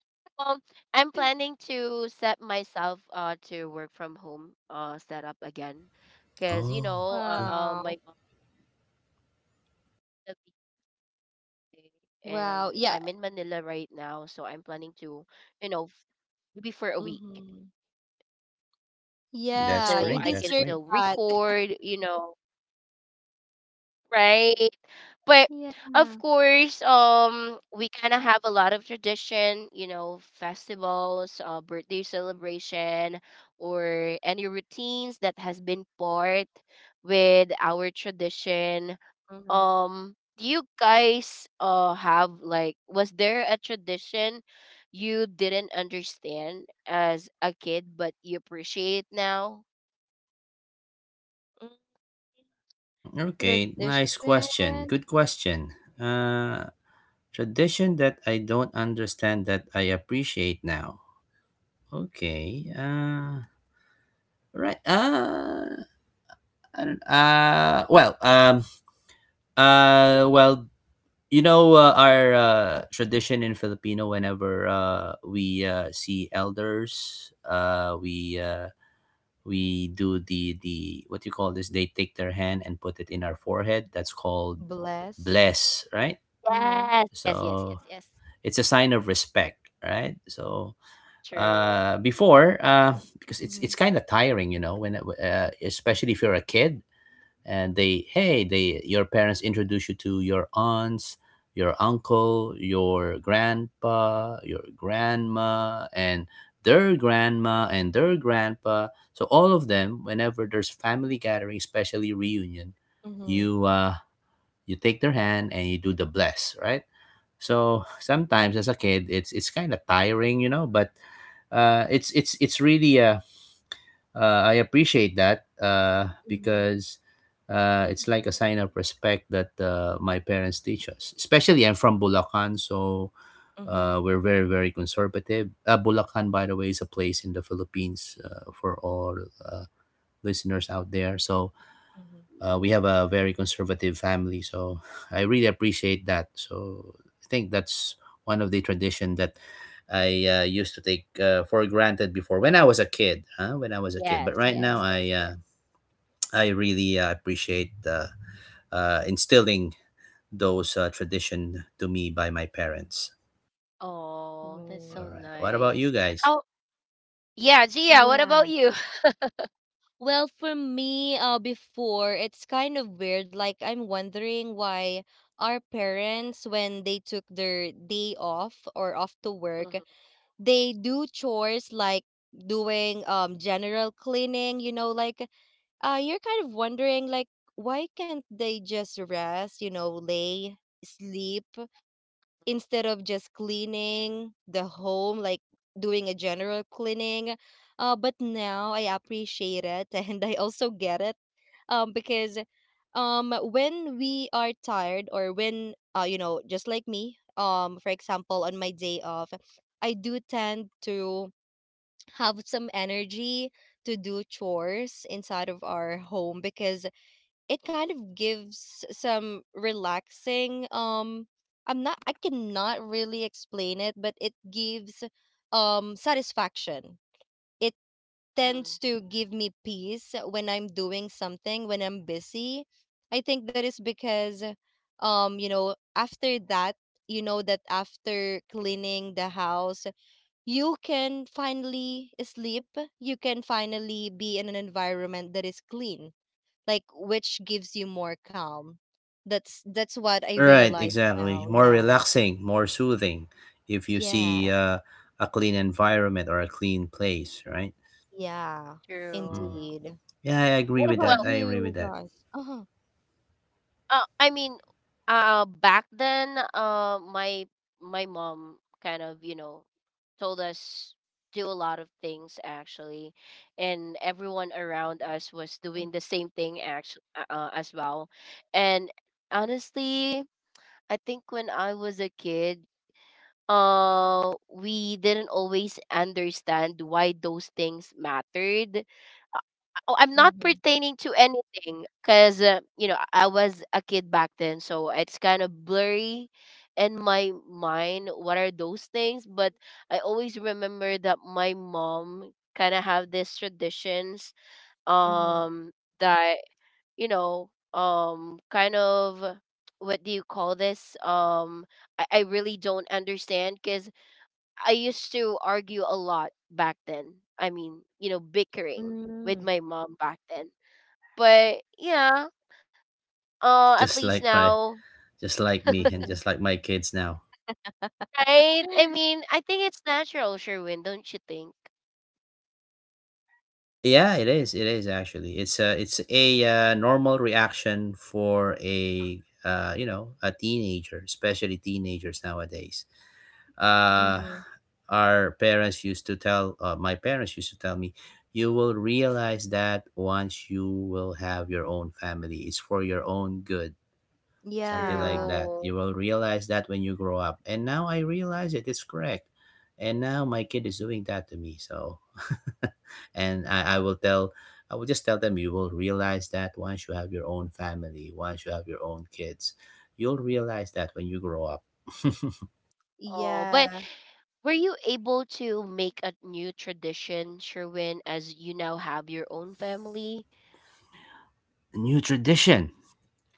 [SPEAKER 1] Well, I'm planning to set myself uh to work from home uh setup again, because you know
[SPEAKER 3] Oh,
[SPEAKER 1] uh,
[SPEAKER 3] good.
[SPEAKER 1] uh my
[SPEAKER 2] Wow.
[SPEAKER 1] mom is a V A, and I'm in Manila right now, so I'm planning
[SPEAKER 2] Wow.
[SPEAKER 1] to,
[SPEAKER 2] Yeah.
[SPEAKER 1] you know, f- maybe for a week
[SPEAKER 2] Hmm.
[SPEAKER 1] so I can still
[SPEAKER 3] Mm, that's
[SPEAKER 2] Yeah, you
[SPEAKER 3] great,
[SPEAKER 1] record,
[SPEAKER 3] that's
[SPEAKER 1] you
[SPEAKER 2] deserve
[SPEAKER 3] great.
[SPEAKER 1] know,
[SPEAKER 2] that.
[SPEAKER 1] right? But of course,
[SPEAKER 2] Yeah.
[SPEAKER 1] um, we kind of have a lot of tradition, you know, festivals, uh, birthday celebration, or any routines that has been part with our tradition.
[SPEAKER 2] Hmm.
[SPEAKER 1] Um, do you guys uh have like was there a tradition you didn't understand as a kid but you appreciate now?
[SPEAKER 3] Mm, okay, nice
[SPEAKER 2] Tradition.
[SPEAKER 3] question, good question. uh tradition that I don't understand, that I appreciate now. Okay. uh right uh I don't, uh well um Uh, Well, you know, uh, our uh, tradition in Filipino. Whenever uh, we uh, see elders, uh, we uh, we do the the, what you call this? They take their hand and put it in our forehead. That's called
[SPEAKER 2] Bless.
[SPEAKER 3] bless, right?
[SPEAKER 2] Mm-hmm.
[SPEAKER 1] Yes, yes, yes,
[SPEAKER 3] So
[SPEAKER 1] yes, yes.
[SPEAKER 3] it's a sign of respect, right? So
[SPEAKER 1] True.
[SPEAKER 3] uh before, uh because it's it's
[SPEAKER 2] Mm-hmm.
[SPEAKER 3] kind of tiring, you know, when, uh, especially if you're a kid, and they hey they your parents introduce you to your aunts, your uncle, your grandpa, your grandma, and their grandma and their grandpa. So all of them. Whenever there's family gathering, especially reunion, you uh you take their hand and you do the bless, right? So, [laughs] sometimes as a kid it's it's kind of tiring, you know, but uh it's it's it's really, uh uh, I appreciate that, uh,
[SPEAKER 2] Mm-hmm.
[SPEAKER 3] because uh, it's like a sign of respect that uh, my parents teach us. Especially, I'm from Bulacan, so
[SPEAKER 2] Mm-hmm.
[SPEAKER 3] uh, we're very, very conservative. Uh, Bulacan, by the way, is a place in the Philippines, uh, for all uh, listeners out there. So, uh, we have a very conservative family, so [laughs] I really appreciate that. So I think that's one of the tradition that I uh, used to take uh, for granted before, when I was a kid, huh? When I was a kid, but
[SPEAKER 1] Yes,
[SPEAKER 3] right
[SPEAKER 2] Mm-hmm.
[SPEAKER 3] now
[SPEAKER 1] yes,
[SPEAKER 3] i
[SPEAKER 1] yes,
[SPEAKER 3] uh,
[SPEAKER 1] yes.
[SPEAKER 3] I really, uh, appreciate, uh, uh, instilling those uh, tradition to me by my parents.
[SPEAKER 1] Oh, that's
[SPEAKER 3] All
[SPEAKER 1] so
[SPEAKER 2] Mm-hmm.
[SPEAKER 3] right, what about
[SPEAKER 1] nice.
[SPEAKER 3] you guys?
[SPEAKER 1] How yeah, Gia, what
[SPEAKER 2] Yeah.
[SPEAKER 1] about you? [laughs]
[SPEAKER 2] Well, for me, uh, before, it's kind of weird. Like, I'm wondering why our parents, when they took their day off or off to work,
[SPEAKER 1] Mhm,
[SPEAKER 2] they do chores like doing um general cleaning, you know, like uh you're kind of wondering like why can't they just rest, you know, lay, sleep instead of just cleaning the home, like doing a general cleaning. Uh, but now I appreciate it [laughs] and I also get it um, because um, when we are tired or when, uh, you know, just like me, um, for example, on my day off, I do tend to have some energy to do chores inside of our home because it kind of gives some relaxing, um I'm not I cannot really explain it, but it gives, um, satisfaction. It
[SPEAKER 1] mhm,
[SPEAKER 2] tends to give me peace when I'm doing something, when I'm busy. I think that is because, um, you know, after that, you know, that after cleaning the house, you can finally sleep, you can finally be in an environment that is clean, like which gives you more calm. That's that's what I
[SPEAKER 3] Right,
[SPEAKER 2] realize
[SPEAKER 3] exactly,
[SPEAKER 2] now.
[SPEAKER 3] more
[SPEAKER 2] Yeah.
[SPEAKER 3] relaxing, more soothing. If you see
[SPEAKER 2] Yes.
[SPEAKER 3] uh, a clean environment or a clean place, right?
[SPEAKER 2] Yeah.
[SPEAKER 1] true.
[SPEAKER 3] Mm.
[SPEAKER 2] Indeed.
[SPEAKER 3] Yeah, I agree
[SPEAKER 2] What
[SPEAKER 3] with
[SPEAKER 1] Well,
[SPEAKER 2] about
[SPEAKER 3] that. I agree with
[SPEAKER 2] you
[SPEAKER 3] that.
[SPEAKER 2] guys? Uh-huh.
[SPEAKER 1] uh, I mean, uh, back then, uh, my my mom kind of, you know, told us do a lot of things actually, and everyone around us was doing the same thing actually uh, uh, as well. And honestly, I think when I was a kid, uh we didn't always understand why those things mattered. Oh, I'm not
[SPEAKER 2] Mm-hmm.
[SPEAKER 1] pertaining to anything because, uh, you know, I was a kid back then, so it's kind of blurry in my mind what are those things. But I always remember that my mom kind of have these traditions,
[SPEAKER 2] Mm-hmm.
[SPEAKER 1] um that you know, um kind of what do you call this, um i, I really don't understand because I used to argue a lot back then. I mean, you know, bickering with
[SPEAKER 2] Mm-hmm.
[SPEAKER 1] my mom back then. But yeah, uh, at
[SPEAKER 3] Just
[SPEAKER 1] least
[SPEAKER 3] like my,
[SPEAKER 1] now,
[SPEAKER 3] just like me, and
[SPEAKER 2] Mm-hmm.
[SPEAKER 3] just like my kids now.
[SPEAKER 1] right? I mean, I think it's natural, Sherwin, don't you think?
[SPEAKER 3] Yeah, it is. It is actually. It's a it's a uh, normal reaction for a uh, you know a teenager, especially teenagers nowadays. Uh,
[SPEAKER 2] Mm-hmm.
[SPEAKER 3] our parents used to tell uh, My parents used to tell me, you will realize that once you will have your own family. It's for your own good, something
[SPEAKER 2] Yeah.
[SPEAKER 3] like that.
[SPEAKER 1] True.
[SPEAKER 3] You will realize that when you grow up. And now I realize it is correct. And now my kid is doing that to me. So, [laughs] and I, I will tell, I will just tell them, you will realize that once you have your own family, once you have your own kids, you'll realize that when you grow up. [laughs]
[SPEAKER 1] Oh, but
[SPEAKER 2] Yeah.
[SPEAKER 1] were you able to make a new tradition, Sherwin, as you now have your own family?
[SPEAKER 3] New tradition?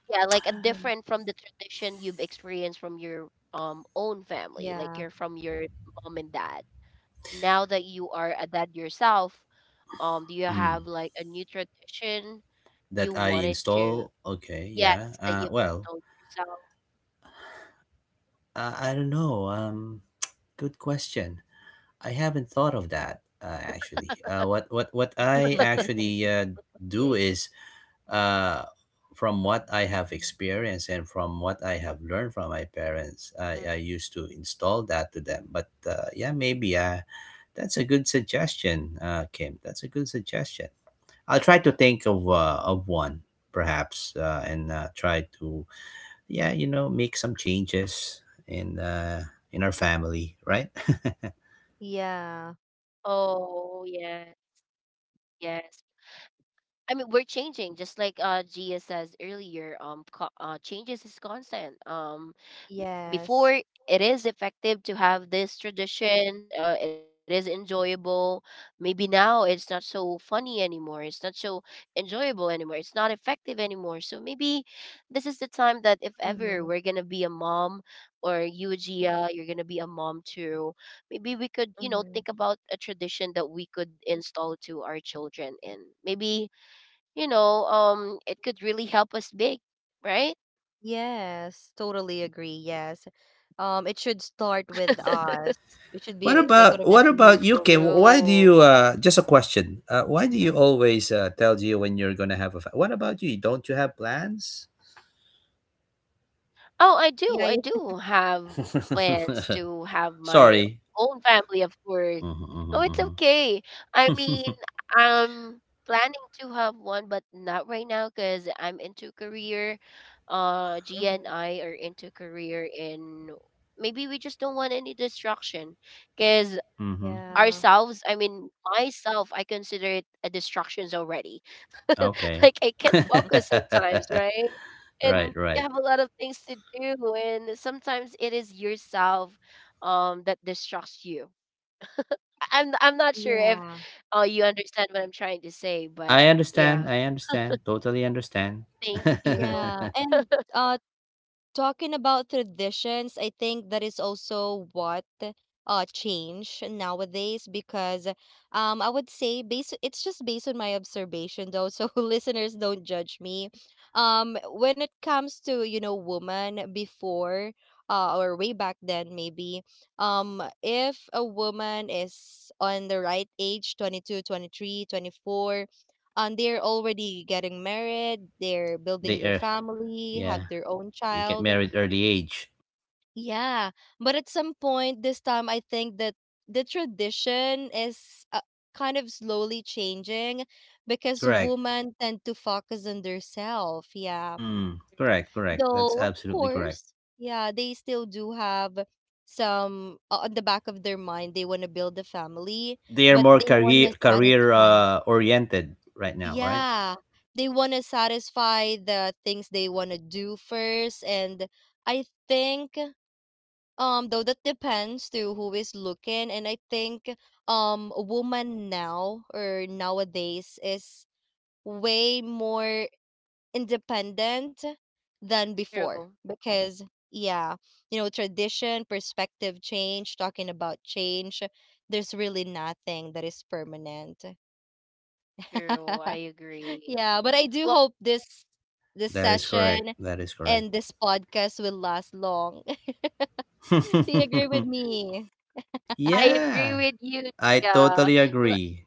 [SPEAKER 1] Yeah, like a
[SPEAKER 2] Mm-hmm.
[SPEAKER 1] different from the tradition you've experienced from your um own family, like
[SPEAKER 2] Yeah.
[SPEAKER 1] you're from your mom and dad. Now that you are a dad yourself, um, do you
[SPEAKER 3] Mm,
[SPEAKER 1] have like a new tradition
[SPEAKER 3] that
[SPEAKER 1] you
[SPEAKER 3] I
[SPEAKER 1] wanted to?
[SPEAKER 3] install. Okay,
[SPEAKER 1] Yes,
[SPEAKER 3] yeah.
[SPEAKER 1] that
[SPEAKER 3] Uh,
[SPEAKER 1] you've
[SPEAKER 3] well,
[SPEAKER 1] installed yourself.
[SPEAKER 3] uh, I don't know. Um, [tsk] good question. I haven't thought of that uh, actually. Uh, what what what I
[SPEAKER 2] [laughs] Mm-hmm.
[SPEAKER 3] actually uh, do is, uh, from what I have experienced and from what I have learned from my parents, I, I used to install that to them. But uh, yeah, maybe uh, that's a good suggestion, uh, Kim. That's a good suggestion. I'll try to think of uh, of one perhaps, uh, and uh, try to, yeah, you know make some changes in uh, in our family, right? [laughs]
[SPEAKER 1] Oh yeah,
[SPEAKER 2] Yeah.
[SPEAKER 1] yes. I mean, we're changing, just like uh Gia says earlier. Um, co- uh, changes is constant. Um, before it is effective
[SPEAKER 2] Yes.
[SPEAKER 1] to have these traditions, uh, it is enjoyable. Maybe now it's not so funny anymore, it's not so enjoyable anymore, it's not effective anymore. So maybe this is the time that if ever we're gonna be a
[SPEAKER 2] Mm-hmm.
[SPEAKER 1] mom, or you Gia, you're gonna be a mom too, maybe we could, you know, think about a
[SPEAKER 2] Mm-hmm.
[SPEAKER 1] tradition that we could install to our children, and maybe, you know, um it could really help us big, right?
[SPEAKER 2] Yes, totally agree. Yes. Um, it should start with us. It should
[SPEAKER 3] What
[SPEAKER 2] be like
[SPEAKER 3] about
[SPEAKER 2] what I
[SPEAKER 3] what
[SPEAKER 2] mentioned, your
[SPEAKER 3] about you,
[SPEAKER 2] role
[SPEAKER 3] Kim?
[SPEAKER 2] model.
[SPEAKER 3] Why
[SPEAKER 1] True.
[SPEAKER 3] do you, uh just a question, Uh, why do you always uh, tell you when you're gonna have a, Fa- what about you? Don't you have plans?
[SPEAKER 1] Oh, I
[SPEAKER 2] Yeah,
[SPEAKER 1] do. I
[SPEAKER 2] you,
[SPEAKER 1] do have
[SPEAKER 3] [laughs]
[SPEAKER 1] plans to have my
[SPEAKER 3] Sorry.
[SPEAKER 1] own family, of course.
[SPEAKER 3] Mm-hmm,
[SPEAKER 1] Oh, it's
[SPEAKER 3] mm-hmm,
[SPEAKER 1] okay. I mean, I'm planning to have one, but not right now because I'm into career. Uh, G
[SPEAKER 2] mhm,
[SPEAKER 1] and I are into career, and maybe we just don't want any distraction. Because
[SPEAKER 3] mm-hmm.
[SPEAKER 2] yeah,
[SPEAKER 1] ourselves, I mean, myself, I consider it a distractions already.
[SPEAKER 3] [laughs]
[SPEAKER 1] [laughs]
[SPEAKER 3] Okay.
[SPEAKER 1] Like I can't
[SPEAKER 2] [laughs]
[SPEAKER 1] focus
[SPEAKER 3] [laughs]
[SPEAKER 1] sometimes, right?
[SPEAKER 3] Right,
[SPEAKER 1] And you
[SPEAKER 3] right.
[SPEAKER 1] have a lot of things to do, and sometimes it is yourself um that distracts you. I- I'm I'm not sure if
[SPEAKER 2] yeah,
[SPEAKER 1] uh, you understand what I'm trying to say, but
[SPEAKER 3] I understand.
[SPEAKER 1] yeah,
[SPEAKER 3] I understand. Totally understand.
[SPEAKER 1] thank
[SPEAKER 3] [laughs]
[SPEAKER 1] you.
[SPEAKER 2] yeah. And
[SPEAKER 1] [laughs]
[SPEAKER 2] uh, talking about traditions, I think that is also what uh change nowadays, because, um, I would say based— it's just based on my observation though, so [laughs] listeners don't judge me. Um, when it comes to, you know, woman before, uh, or way back then, maybe, um, if a woman is on the right age, twenty two twenty three twenty four, and they're already getting married, they're
[SPEAKER 3] They
[SPEAKER 2] building their
[SPEAKER 3] are,
[SPEAKER 2] family,
[SPEAKER 3] yeah.
[SPEAKER 2] have their own
[SPEAKER 3] They get
[SPEAKER 2] child.
[SPEAKER 3] married early age.
[SPEAKER 2] Yeah, but at some point this time, I think that the tradition is, uh, kind of slowly changing because
[SPEAKER 3] Correct.
[SPEAKER 2] women tend to focus on themselves. Yeah,
[SPEAKER 3] Mm, correct. Correct. That's
[SPEAKER 2] though of
[SPEAKER 3] absolutely correct.
[SPEAKER 2] course, yeah, they still do have some, uh, on the back of their mind. They want to build a family,
[SPEAKER 3] They are
[SPEAKER 2] but
[SPEAKER 3] more
[SPEAKER 2] they want
[SPEAKER 3] career
[SPEAKER 2] to
[SPEAKER 3] career
[SPEAKER 2] satisfy.
[SPEAKER 3] uh, oriented right now, right?
[SPEAKER 2] Yeah, they want to satisfy the things they want to do first, and I think. Um, though that depends to who is looking, and I think, um, a woman now or nowadays is way more independent than before
[SPEAKER 1] True,
[SPEAKER 2] because, yeah, you know, tradition, perspective change, talking about change, there's really nothing that is permanent.
[SPEAKER 1] true. I
[SPEAKER 2] [laughs]
[SPEAKER 1] agree.
[SPEAKER 2] Yeah, but I do
[SPEAKER 1] Well,
[SPEAKER 2] hope this this
[SPEAKER 3] That is correct.
[SPEAKER 2] session
[SPEAKER 3] That is correct.
[SPEAKER 2] and this podcast will last long. [laughs] Do you
[SPEAKER 3] [laughs]
[SPEAKER 2] agree with me?
[SPEAKER 1] I agree
[SPEAKER 3] Yeah,
[SPEAKER 1] with you.
[SPEAKER 3] I
[SPEAKER 1] Yeah,
[SPEAKER 3] totally agree.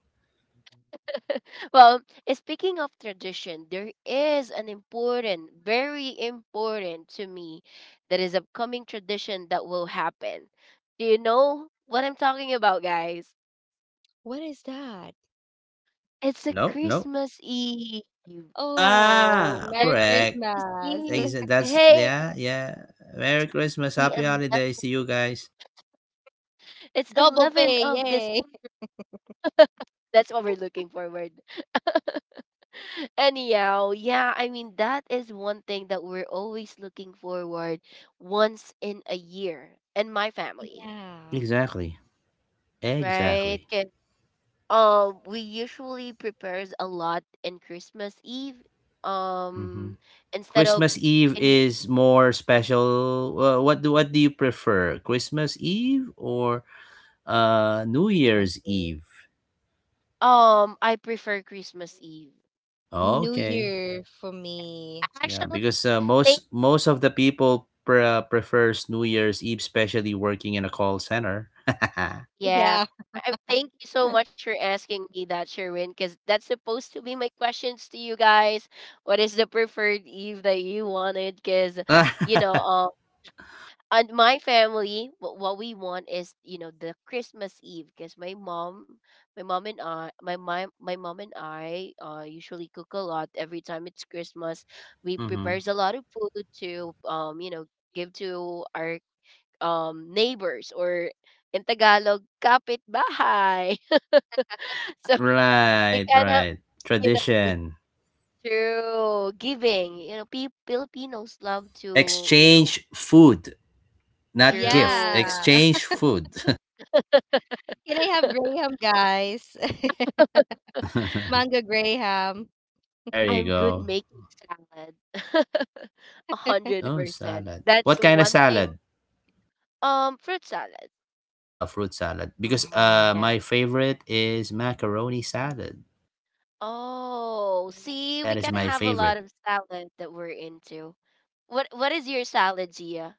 [SPEAKER 1] [laughs] well, speaking of tradition, there is an important, very important to me, that is upcoming tradition that will happen. Do you know what I'm talking about, guys?
[SPEAKER 2] What is that?
[SPEAKER 1] It's
[SPEAKER 3] Uh,
[SPEAKER 1] a
[SPEAKER 3] No, no.
[SPEAKER 1] Christmas Eve.
[SPEAKER 2] Oh,
[SPEAKER 3] Ah,
[SPEAKER 1] The
[SPEAKER 2] Merry
[SPEAKER 3] correct.
[SPEAKER 1] Christmas
[SPEAKER 2] Christmas. [laughs]
[SPEAKER 1] Eve.
[SPEAKER 3] Exa- That's
[SPEAKER 1] Hey,
[SPEAKER 3] yeah, yeah. Merry Christmas,
[SPEAKER 1] the
[SPEAKER 3] Happy
[SPEAKER 1] eleventh.
[SPEAKER 3] Holidays to you guys.
[SPEAKER 1] It's
[SPEAKER 2] Double
[SPEAKER 1] eleven
[SPEAKER 2] pay,
[SPEAKER 1] of this.
[SPEAKER 2] yay. [laughs]
[SPEAKER 1] That's what we're looking forward. [laughs] Anyhow, yeah, I mean, that is one thing that we're always looking forward once in a year and my family.
[SPEAKER 2] Yeah,
[SPEAKER 3] Exactly.
[SPEAKER 1] Right?
[SPEAKER 3] Exactly.
[SPEAKER 1] 'Kay. Um, we usually prepares a lot in Christmas Eve.
[SPEAKER 3] Hmm.
[SPEAKER 1] Um, Instead of
[SPEAKER 3] Christmas Eve
[SPEAKER 1] in New
[SPEAKER 3] is more special. Well, what do what do you prefer, Christmas Eve or uh New
[SPEAKER 2] Christmas
[SPEAKER 3] Year's
[SPEAKER 2] Day.
[SPEAKER 3] Eve?
[SPEAKER 1] um, I prefer Christmas Eve.
[SPEAKER 2] New
[SPEAKER 3] Okay,
[SPEAKER 2] Year for me.
[SPEAKER 3] yeah,
[SPEAKER 1] Actually,
[SPEAKER 3] because uh, most
[SPEAKER 1] thank
[SPEAKER 3] most of the people pre- uh, prefers New Year's Eve, especially working in a call center.
[SPEAKER 1] yeah.
[SPEAKER 2] Yeah,
[SPEAKER 1] I, thank you so much for asking me that, Sherwin, because that's supposed to be my questions to you guys. What is the preferred Eve that you wanted? Because
[SPEAKER 3] [laughs] hmm
[SPEAKER 1] you know, um, and my family, wh- what we want is, you know, the Christmas Eve, because my mom, my mom and I my my, my mom and I uh, usually cook a lot every time it's Christmas. We prepares a lot of food to, um you know, give to our um neighbors, or in Tagalog, kapitbahay. [laughs] So we
[SPEAKER 3] Right,
[SPEAKER 1] kind of,
[SPEAKER 3] right.
[SPEAKER 1] you know,
[SPEAKER 3] Tradition.
[SPEAKER 1] through giving, you know, pe- Filipinos love to, you know,
[SPEAKER 3] Exchange food, not gift.
[SPEAKER 1] through
[SPEAKER 2] yeah.
[SPEAKER 3] Exchange food.
[SPEAKER 2] [laughs] Can I have
[SPEAKER 1] [laughs]
[SPEAKER 2] graham, guys? [laughs]
[SPEAKER 3] [laughs]
[SPEAKER 2] Mango graham.
[SPEAKER 3] There you
[SPEAKER 1] I'm good
[SPEAKER 3] go.
[SPEAKER 2] [laughs]
[SPEAKER 1] making salad. [laughs]
[SPEAKER 3] Oh,
[SPEAKER 1] one hundred percent.
[SPEAKER 3] salad.
[SPEAKER 1] That's
[SPEAKER 3] What kind of
[SPEAKER 1] one thing.
[SPEAKER 3] salad?
[SPEAKER 1] Um, fruit salad.
[SPEAKER 3] Uh, fruit salad. Because
[SPEAKER 2] Oh,
[SPEAKER 3] uh,
[SPEAKER 1] Yeah.
[SPEAKER 3] my favorite is macaroni salad.
[SPEAKER 1] Oh, see,
[SPEAKER 3] That
[SPEAKER 1] we
[SPEAKER 3] is
[SPEAKER 1] can
[SPEAKER 3] my
[SPEAKER 1] have a
[SPEAKER 3] favorite
[SPEAKER 1] lot of salad that we're into. What What is your salad, Gia?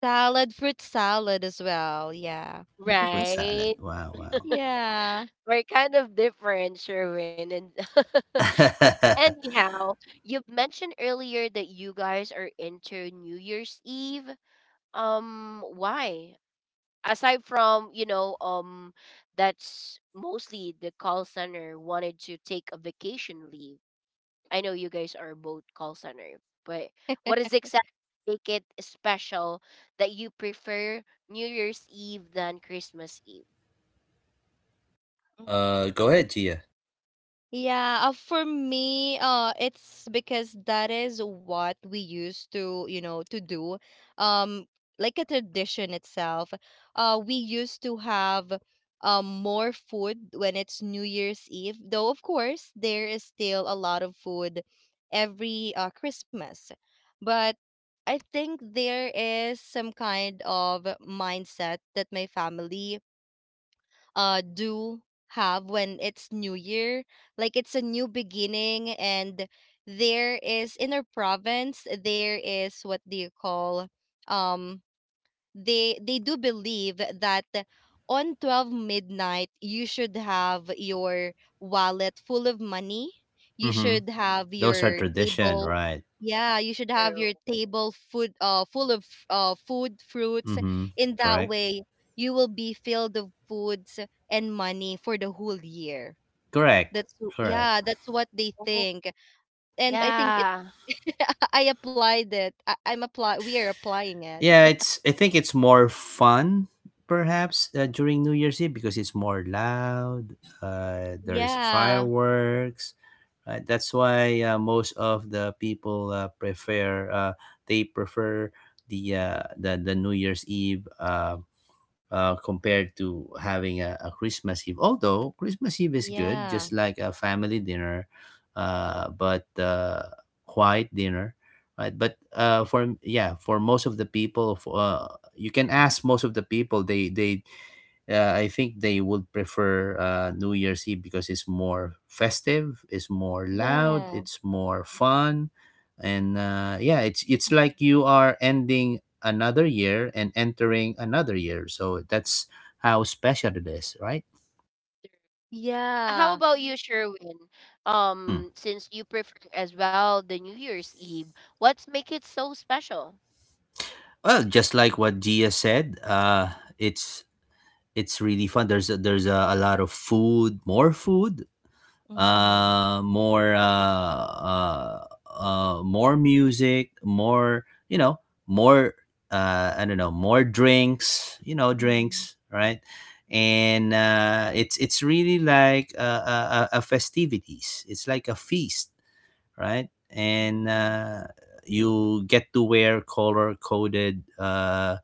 [SPEAKER 2] salad, fruit salad as well. Yeah,
[SPEAKER 3] fruit salad.
[SPEAKER 1] Right.
[SPEAKER 3] Wow, wow.
[SPEAKER 2] yeah.
[SPEAKER 1] We're kind of different, Sherwin. And [laughs]
[SPEAKER 3] [laughs]
[SPEAKER 1] anyhow, you mentioned earlier that you guys are into New Year's Eve. Um, why? Aside from, you know, um that's mostly the call center wanted to take a vacation leave, I know you guys are both call center, but what is exactly make it special that you prefer New Year's Eve than Christmas Eve?
[SPEAKER 3] Uh, go ahead, Gia.
[SPEAKER 2] Yeah, uh, for me, uh, it's because that is what we used to, you know, to do, um, like a tradition itself. Uh, we used to have, um, more food when it's New Year's Eve. Though, of course, there is still a lot of food every uh, Christmas, but I think there is some kind of mindset that my family uh do have when it's new year, like it's a new beginning. And there is— in our province, there is, what do you call, um, they they do believe that on twelve midnight, you should have your wallet full of money, you
[SPEAKER 3] Mm-hmm.
[SPEAKER 2] should have
[SPEAKER 3] Those are
[SPEAKER 2] your
[SPEAKER 3] tradition,
[SPEAKER 2] table—
[SPEAKER 3] right?
[SPEAKER 2] yeah, you should have your
[SPEAKER 1] True.
[SPEAKER 2] table food, uh full of, uh food, fruits,
[SPEAKER 3] Mm-hmm.
[SPEAKER 2] in that
[SPEAKER 3] Correct.
[SPEAKER 2] way you will be filled of foods and money for the whole year.
[SPEAKER 3] Correct.
[SPEAKER 2] That's w-
[SPEAKER 3] Correct.
[SPEAKER 2] yeah, that's what they
[SPEAKER 1] Oh
[SPEAKER 2] think. And I think it,
[SPEAKER 1] yeah,
[SPEAKER 2] [laughs] I applied it. I, I'm apply we are applying it.
[SPEAKER 3] Yeah, it's. I think it's more fun, perhaps, uh, during New Year's Eve because it's more loud. Uh, there's
[SPEAKER 2] Yeah.
[SPEAKER 3] fireworks. Right? That's why uh, most of the people uh, prefer. Uh, they prefer the uh, the the New Year's Eve, uh, uh, compared to having a, a Christmas Eve. Although Christmas Eve is good,
[SPEAKER 2] Yeah.
[SPEAKER 3] just like a family dinner, uh,
[SPEAKER 1] true.
[SPEAKER 3] but uh, quiet dinner, right? But uh, for yeah, for most of the people, f- uh, you can ask most of the people. They they uh, I think they would prefer uh, New Year's Eve because it's more festive, it's more loud,
[SPEAKER 2] Yeah.
[SPEAKER 3] it's more fun, and uh, yeah, it's it's like you are ending another year and entering another year, so that's how special it is, right?
[SPEAKER 1] How
[SPEAKER 2] Yeah.
[SPEAKER 1] about you Sherwin,
[SPEAKER 3] mm.
[SPEAKER 1] um since you prefer as well the New Year's Eve, what's make it so special?
[SPEAKER 3] Well, just like what Gia said, uh it's it's really fun. There's a, there's a, a lot of food, more food,
[SPEAKER 2] Mm-hmm.
[SPEAKER 1] S-
[SPEAKER 3] uh more uh uh, uh more music, more you know, more uh I don't know, more drinks, you know,
[SPEAKER 2] Mm-hmm.
[SPEAKER 3] drinks, right? And uh it's it's really like uh, a, a a festivities. It's like a feast, right? And uh, you get to wear color coded, uh,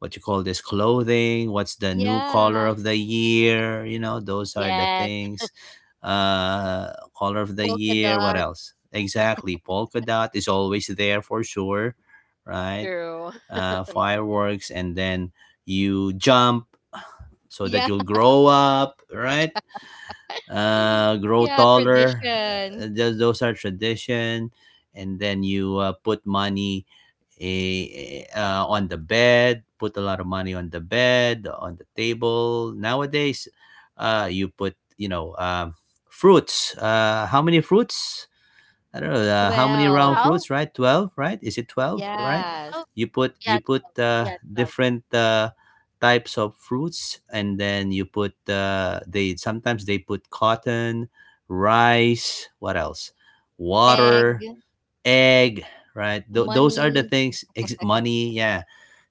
[SPEAKER 3] what you call this, clothing. What's the new color
[SPEAKER 2] Yeah.
[SPEAKER 3] of the year? You know, those are the
[SPEAKER 1] yes,
[SPEAKER 3] things. Uh, Color of the
[SPEAKER 2] Polka
[SPEAKER 3] year. What
[SPEAKER 2] dot.
[SPEAKER 3] else? Exactly. Polka dot is always there for sure, right?
[SPEAKER 1] true.
[SPEAKER 3] Uh,
[SPEAKER 2] [laughs]
[SPEAKER 3] fireworks, and then you jump so that
[SPEAKER 2] Yeah.
[SPEAKER 3] you'll grow up, right?
[SPEAKER 2] [laughs]
[SPEAKER 3] Uh, grow
[SPEAKER 2] Yeah,
[SPEAKER 3] taller. Uh,
[SPEAKER 2] tradition.
[SPEAKER 3] those, those are tradition, and then you uh, put money, eh, eh, uh, on the bed. Put a lot of money on the bed, on the table. Nowadays, uh, you put you know um, fruits. Uh, how many fruits? I don't know uh,
[SPEAKER 1] [laughs]
[SPEAKER 3] how
[SPEAKER 1] So
[SPEAKER 3] many
[SPEAKER 1] how
[SPEAKER 3] round
[SPEAKER 2] twelve.
[SPEAKER 3] fruits, right? Twelve, right? Is it twelve,
[SPEAKER 1] yeah,
[SPEAKER 3] right?
[SPEAKER 1] tw
[SPEAKER 2] Yes.
[SPEAKER 3] You
[SPEAKER 1] yeah,
[SPEAKER 3] put
[SPEAKER 1] twelve.
[SPEAKER 3] you put uh, Different uh, types of fruits, and then you put uh, they sometimes they put cotton, rice, what else,
[SPEAKER 2] Egg,
[SPEAKER 3] water, egg, right? Th- those are the
[SPEAKER 2] money.
[SPEAKER 3] things. Ex- money, yeah,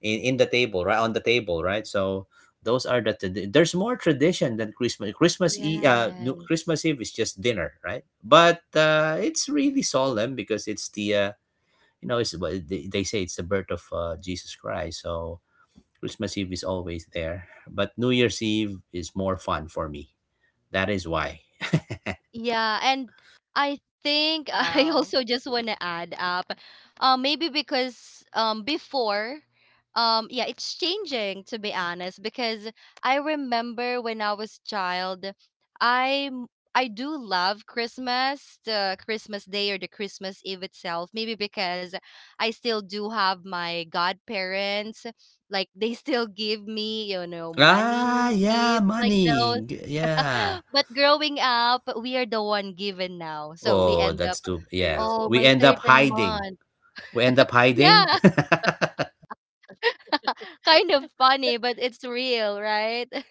[SPEAKER 3] in in the table, right, on the table, right. So those are the trad- there's more tradition than Christmas. Christmas e- uh, no,
[SPEAKER 2] Yes.
[SPEAKER 3] Christmas Eve is just dinner, right? But uh, it's really solemn because it's the uh, you know, it's what they, they say it's the birth of uh, Jesus Christ. So Christmas Eve is always there, but New Year's Eve is more fun for me. That is why. [laughs]
[SPEAKER 2] Yeah, and I think [laughs] I
[SPEAKER 1] Wow.
[SPEAKER 2] also just want to add up, uh, maybe because, um, before, um, yeah, it's changing, to be honest. Because I remember when I was child, I m- I do love Christmas, the Christmas day or the Christmas Eve itself. Maybe because I still do have my godparents, like they still give me, you know, money,
[SPEAKER 3] Ah, yeah,
[SPEAKER 2] gifts, like those.
[SPEAKER 3] money. G- Yeah.
[SPEAKER 2] But growing up, we are the one given now. So we
[SPEAKER 3] Oh,
[SPEAKER 2] end up,
[SPEAKER 3] that's too,
[SPEAKER 1] True.
[SPEAKER 3] yes.
[SPEAKER 2] oh,
[SPEAKER 3] We
[SPEAKER 2] my
[SPEAKER 3] end
[SPEAKER 2] third
[SPEAKER 3] up
[SPEAKER 2] and
[SPEAKER 3] hiding.
[SPEAKER 2] month.
[SPEAKER 3] We end up hiding.
[SPEAKER 2] Yeah,
[SPEAKER 3] [laughs]
[SPEAKER 2] [laughs] kind of funny, but it's real, right? [laughs]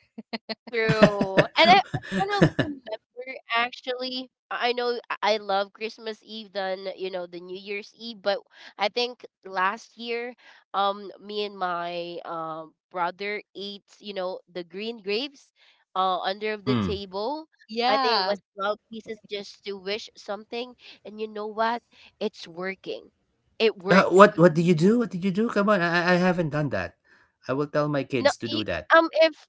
[SPEAKER 1] True. And I I kind of remember actually, I I know I I love Christmas Eve than, you know, the New Year's Eve, but I think last year, um, me and my um brother ate, you know, the green grapes uh under the
[SPEAKER 3] Hmm.
[SPEAKER 1] table. I think it
[SPEAKER 2] Yeah.
[SPEAKER 1] was twelve pieces just to wish something. And you know what? It's working. It
[SPEAKER 3] Uh,
[SPEAKER 1] worked.
[SPEAKER 3] what what did you do?
[SPEAKER 2] Wow.
[SPEAKER 3] What did you do? Come on, I I haven't done that. I will tell my
[SPEAKER 1] No,
[SPEAKER 3] kids to
[SPEAKER 1] y-
[SPEAKER 3] do that.
[SPEAKER 1] um, if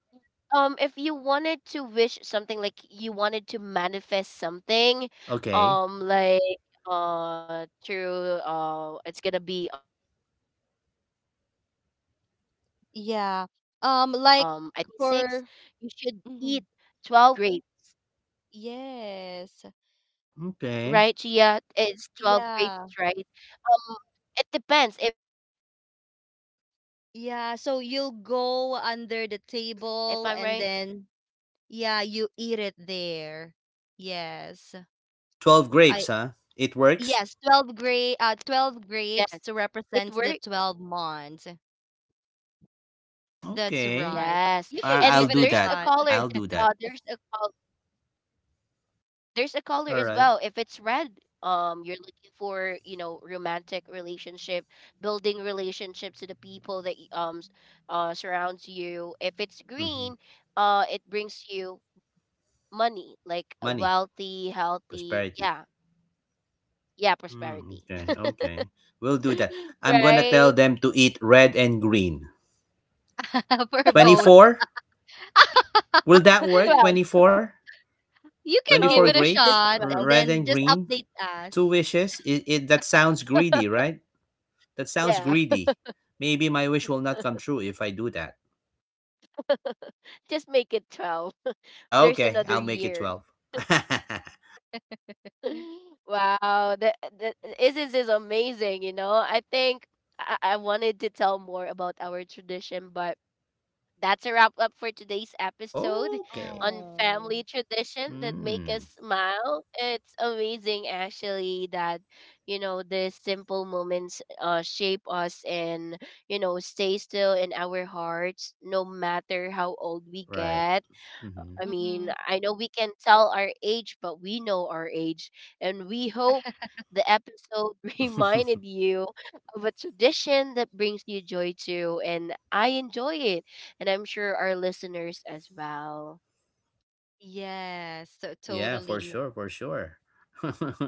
[SPEAKER 1] um if you wanted to wish something, like you wanted to manifest something,
[SPEAKER 3] Okay.
[SPEAKER 1] um like uh through uh it's gonna be, um I think it's around twelve before the
[SPEAKER 2] Yeah.
[SPEAKER 1] January first
[SPEAKER 2] Um,
[SPEAKER 1] of
[SPEAKER 2] like
[SPEAKER 1] twenty twenty-six,
[SPEAKER 2] for—
[SPEAKER 1] you should eat
[SPEAKER 2] Mhm.
[SPEAKER 1] twelve grapes,
[SPEAKER 2] Yes.
[SPEAKER 3] Okay.
[SPEAKER 1] right Gia? It's twelve
[SPEAKER 2] Yeah.
[SPEAKER 1] grapes, right? um it depends, if you wanted uh like a
[SPEAKER 2] Yeah. So you'll
[SPEAKER 1] relationship, it should
[SPEAKER 2] go
[SPEAKER 1] be red,
[SPEAKER 2] under the
[SPEAKER 1] if I'm
[SPEAKER 2] table
[SPEAKER 1] right.
[SPEAKER 2] and then yeah, you eat it there. Yes.
[SPEAKER 3] twelve
[SPEAKER 2] I
[SPEAKER 3] grapes, huh? It works?
[SPEAKER 2] yes, twelve gra- uh twelve
[SPEAKER 1] Yes,
[SPEAKER 2] grapes
[SPEAKER 1] it
[SPEAKER 2] represents
[SPEAKER 1] works.
[SPEAKER 2] the twelve months.
[SPEAKER 3] Mm,
[SPEAKER 2] That's
[SPEAKER 3] okay.
[SPEAKER 2] right.
[SPEAKER 1] Yes.
[SPEAKER 2] You
[SPEAKER 1] And
[SPEAKER 2] can
[SPEAKER 3] I- I'll
[SPEAKER 2] give it
[SPEAKER 1] there's
[SPEAKER 3] do
[SPEAKER 2] a
[SPEAKER 1] a
[SPEAKER 3] that.
[SPEAKER 2] shot.
[SPEAKER 1] color is-
[SPEAKER 3] I'll do
[SPEAKER 1] uh
[SPEAKER 3] that.
[SPEAKER 1] there's a col there's a color
[SPEAKER 3] All
[SPEAKER 1] as
[SPEAKER 3] right.
[SPEAKER 1] well. If it's red, um you're looking for, you know, romantic relationship, building relationship to the people that y- um s- uh surrounds you. If it's
[SPEAKER 3] Mm-hmm.
[SPEAKER 1] green, uh it brings you money, like
[SPEAKER 3] Money,
[SPEAKER 1] wealthy, healthy,
[SPEAKER 3] prosperity.
[SPEAKER 1] yeah. Yeah,
[SPEAKER 3] Mm,
[SPEAKER 1] prosperity.
[SPEAKER 3] okay.
[SPEAKER 1] [laughs]
[SPEAKER 3] Okay. We'll do that. I'm going to tell
[SPEAKER 1] Right?
[SPEAKER 3] them to eat red and green.
[SPEAKER 2] [laughs] For both.
[SPEAKER 3] twenty-four? Will that work?
[SPEAKER 1] twelve.
[SPEAKER 3] twenty-four
[SPEAKER 2] You can give
[SPEAKER 1] Oh,
[SPEAKER 2] it a
[SPEAKER 1] [laughs]
[SPEAKER 3] grapes,
[SPEAKER 1] just
[SPEAKER 2] shot
[SPEAKER 1] twelve.
[SPEAKER 2] and
[SPEAKER 3] red
[SPEAKER 2] then
[SPEAKER 3] and
[SPEAKER 2] just
[SPEAKER 3] green,
[SPEAKER 2] update
[SPEAKER 3] two
[SPEAKER 2] us.
[SPEAKER 3] wishes. It, it That sounds greedy, right? That sounds
[SPEAKER 1] Yeah.
[SPEAKER 3] greedy. Maybe my wish will not come true if I do that.
[SPEAKER 1] [laughs] Just make it twelve. [laughs] There's
[SPEAKER 3] Okay,
[SPEAKER 1] another
[SPEAKER 3] I'll make it
[SPEAKER 1] year.
[SPEAKER 3] twelve. [laughs]
[SPEAKER 1] [laughs] Wow, that, that is is is amazing, you know. I think I, I wanted to tell more about our tradition, but that's a wrap up for today's episode
[SPEAKER 3] Okay.
[SPEAKER 1] on family
[SPEAKER 2] Oh,
[SPEAKER 1] tradition that make us
[SPEAKER 3] Hmm.
[SPEAKER 1] smile. It's amazing actually that, you know, the simple moments uh shape us and, you know, stay still in our hearts no matter how old we
[SPEAKER 3] Right.
[SPEAKER 1] get.
[SPEAKER 3] Hmm.
[SPEAKER 1] I mean,
[SPEAKER 2] mm-hmm.
[SPEAKER 1] I know we can tell our age, but we know our age. And we hope the episode [laughs] reminded you of a tradition that brings you joy too. And I enjoy it. And I'm sure our listeners as well.
[SPEAKER 2] Yes, so
[SPEAKER 3] [laughs] Yeah, for
[SPEAKER 2] totally.
[SPEAKER 3] sure, for sure.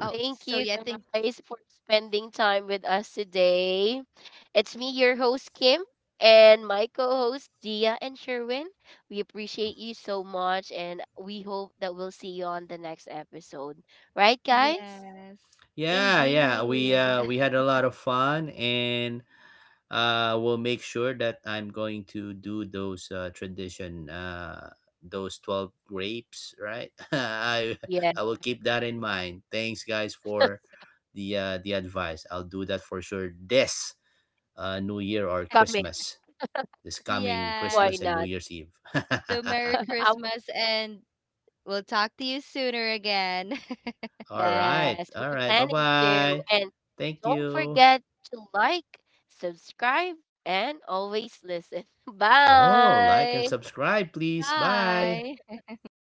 [SPEAKER 2] Oh,
[SPEAKER 1] Thank
[SPEAKER 2] so
[SPEAKER 1] you
[SPEAKER 2] yeah, I think,
[SPEAKER 1] guys for spending time with us today. It's me, your host, Kim, and my co host, Dia and Sherwin. We appreciate you so much, and we hope that we'll see you on the next episode. Right, guys?
[SPEAKER 2] yes,
[SPEAKER 3] Yeah, yeah. We
[SPEAKER 2] indeed.
[SPEAKER 3] uh we had
[SPEAKER 2] [laughs]
[SPEAKER 3] a lot of fun, and uh will make sure that I'm going to do those uh tradition, uh those twelve grapes, right? [laughs] i
[SPEAKER 1] Yes,
[SPEAKER 3] I will keep that in mind. Thanks guys for the uh the advice. I'll do that for sure. this uh new year or
[SPEAKER 1] coming.
[SPEAKER 3] christmas this coming
[SPEAKER 1] Why
[SPEAKER 3] Christmas
[SPEAKER 2] Yes.
[SPEAKER 3] and New
[SPEAKER 1] not?
[SPEAKER 3] Year's Eve.
[SPEAKER 2] So
[SPEAKER 1] [laughs]
[SPEAKER 3] [laughs]
[SPEAKER 2] Merry
[SPEAKER 1] I w-
[SPEAKER 2] Christmas, and we'll talk to you sooner again.
[SPEAKER 3] All right,
[SPEAKER 1] Yes,
[SPEAKER 3] all
[SPEAKER 1] we're
[SPEAKER 3] right, bye
[SPEAKER 1] planning to.
[SPEAKER 3] bye.
[SPEAKER 1] And
[SPEAKER 3] Thank
[SPEAKER 1] don't
[SPEAKER 3] you.
[SPEAKER 1] forget to like, subscribe, and always listen. [laughs]
[SPEAKER 3] Oh, like and
[SPEAKER 1] Bye.
[SPEAKER 3] subscribe
[SPEAKER 2] [laughs]
[SPEAKER 3] please. Bye.
[SPEAKER 2] Bye.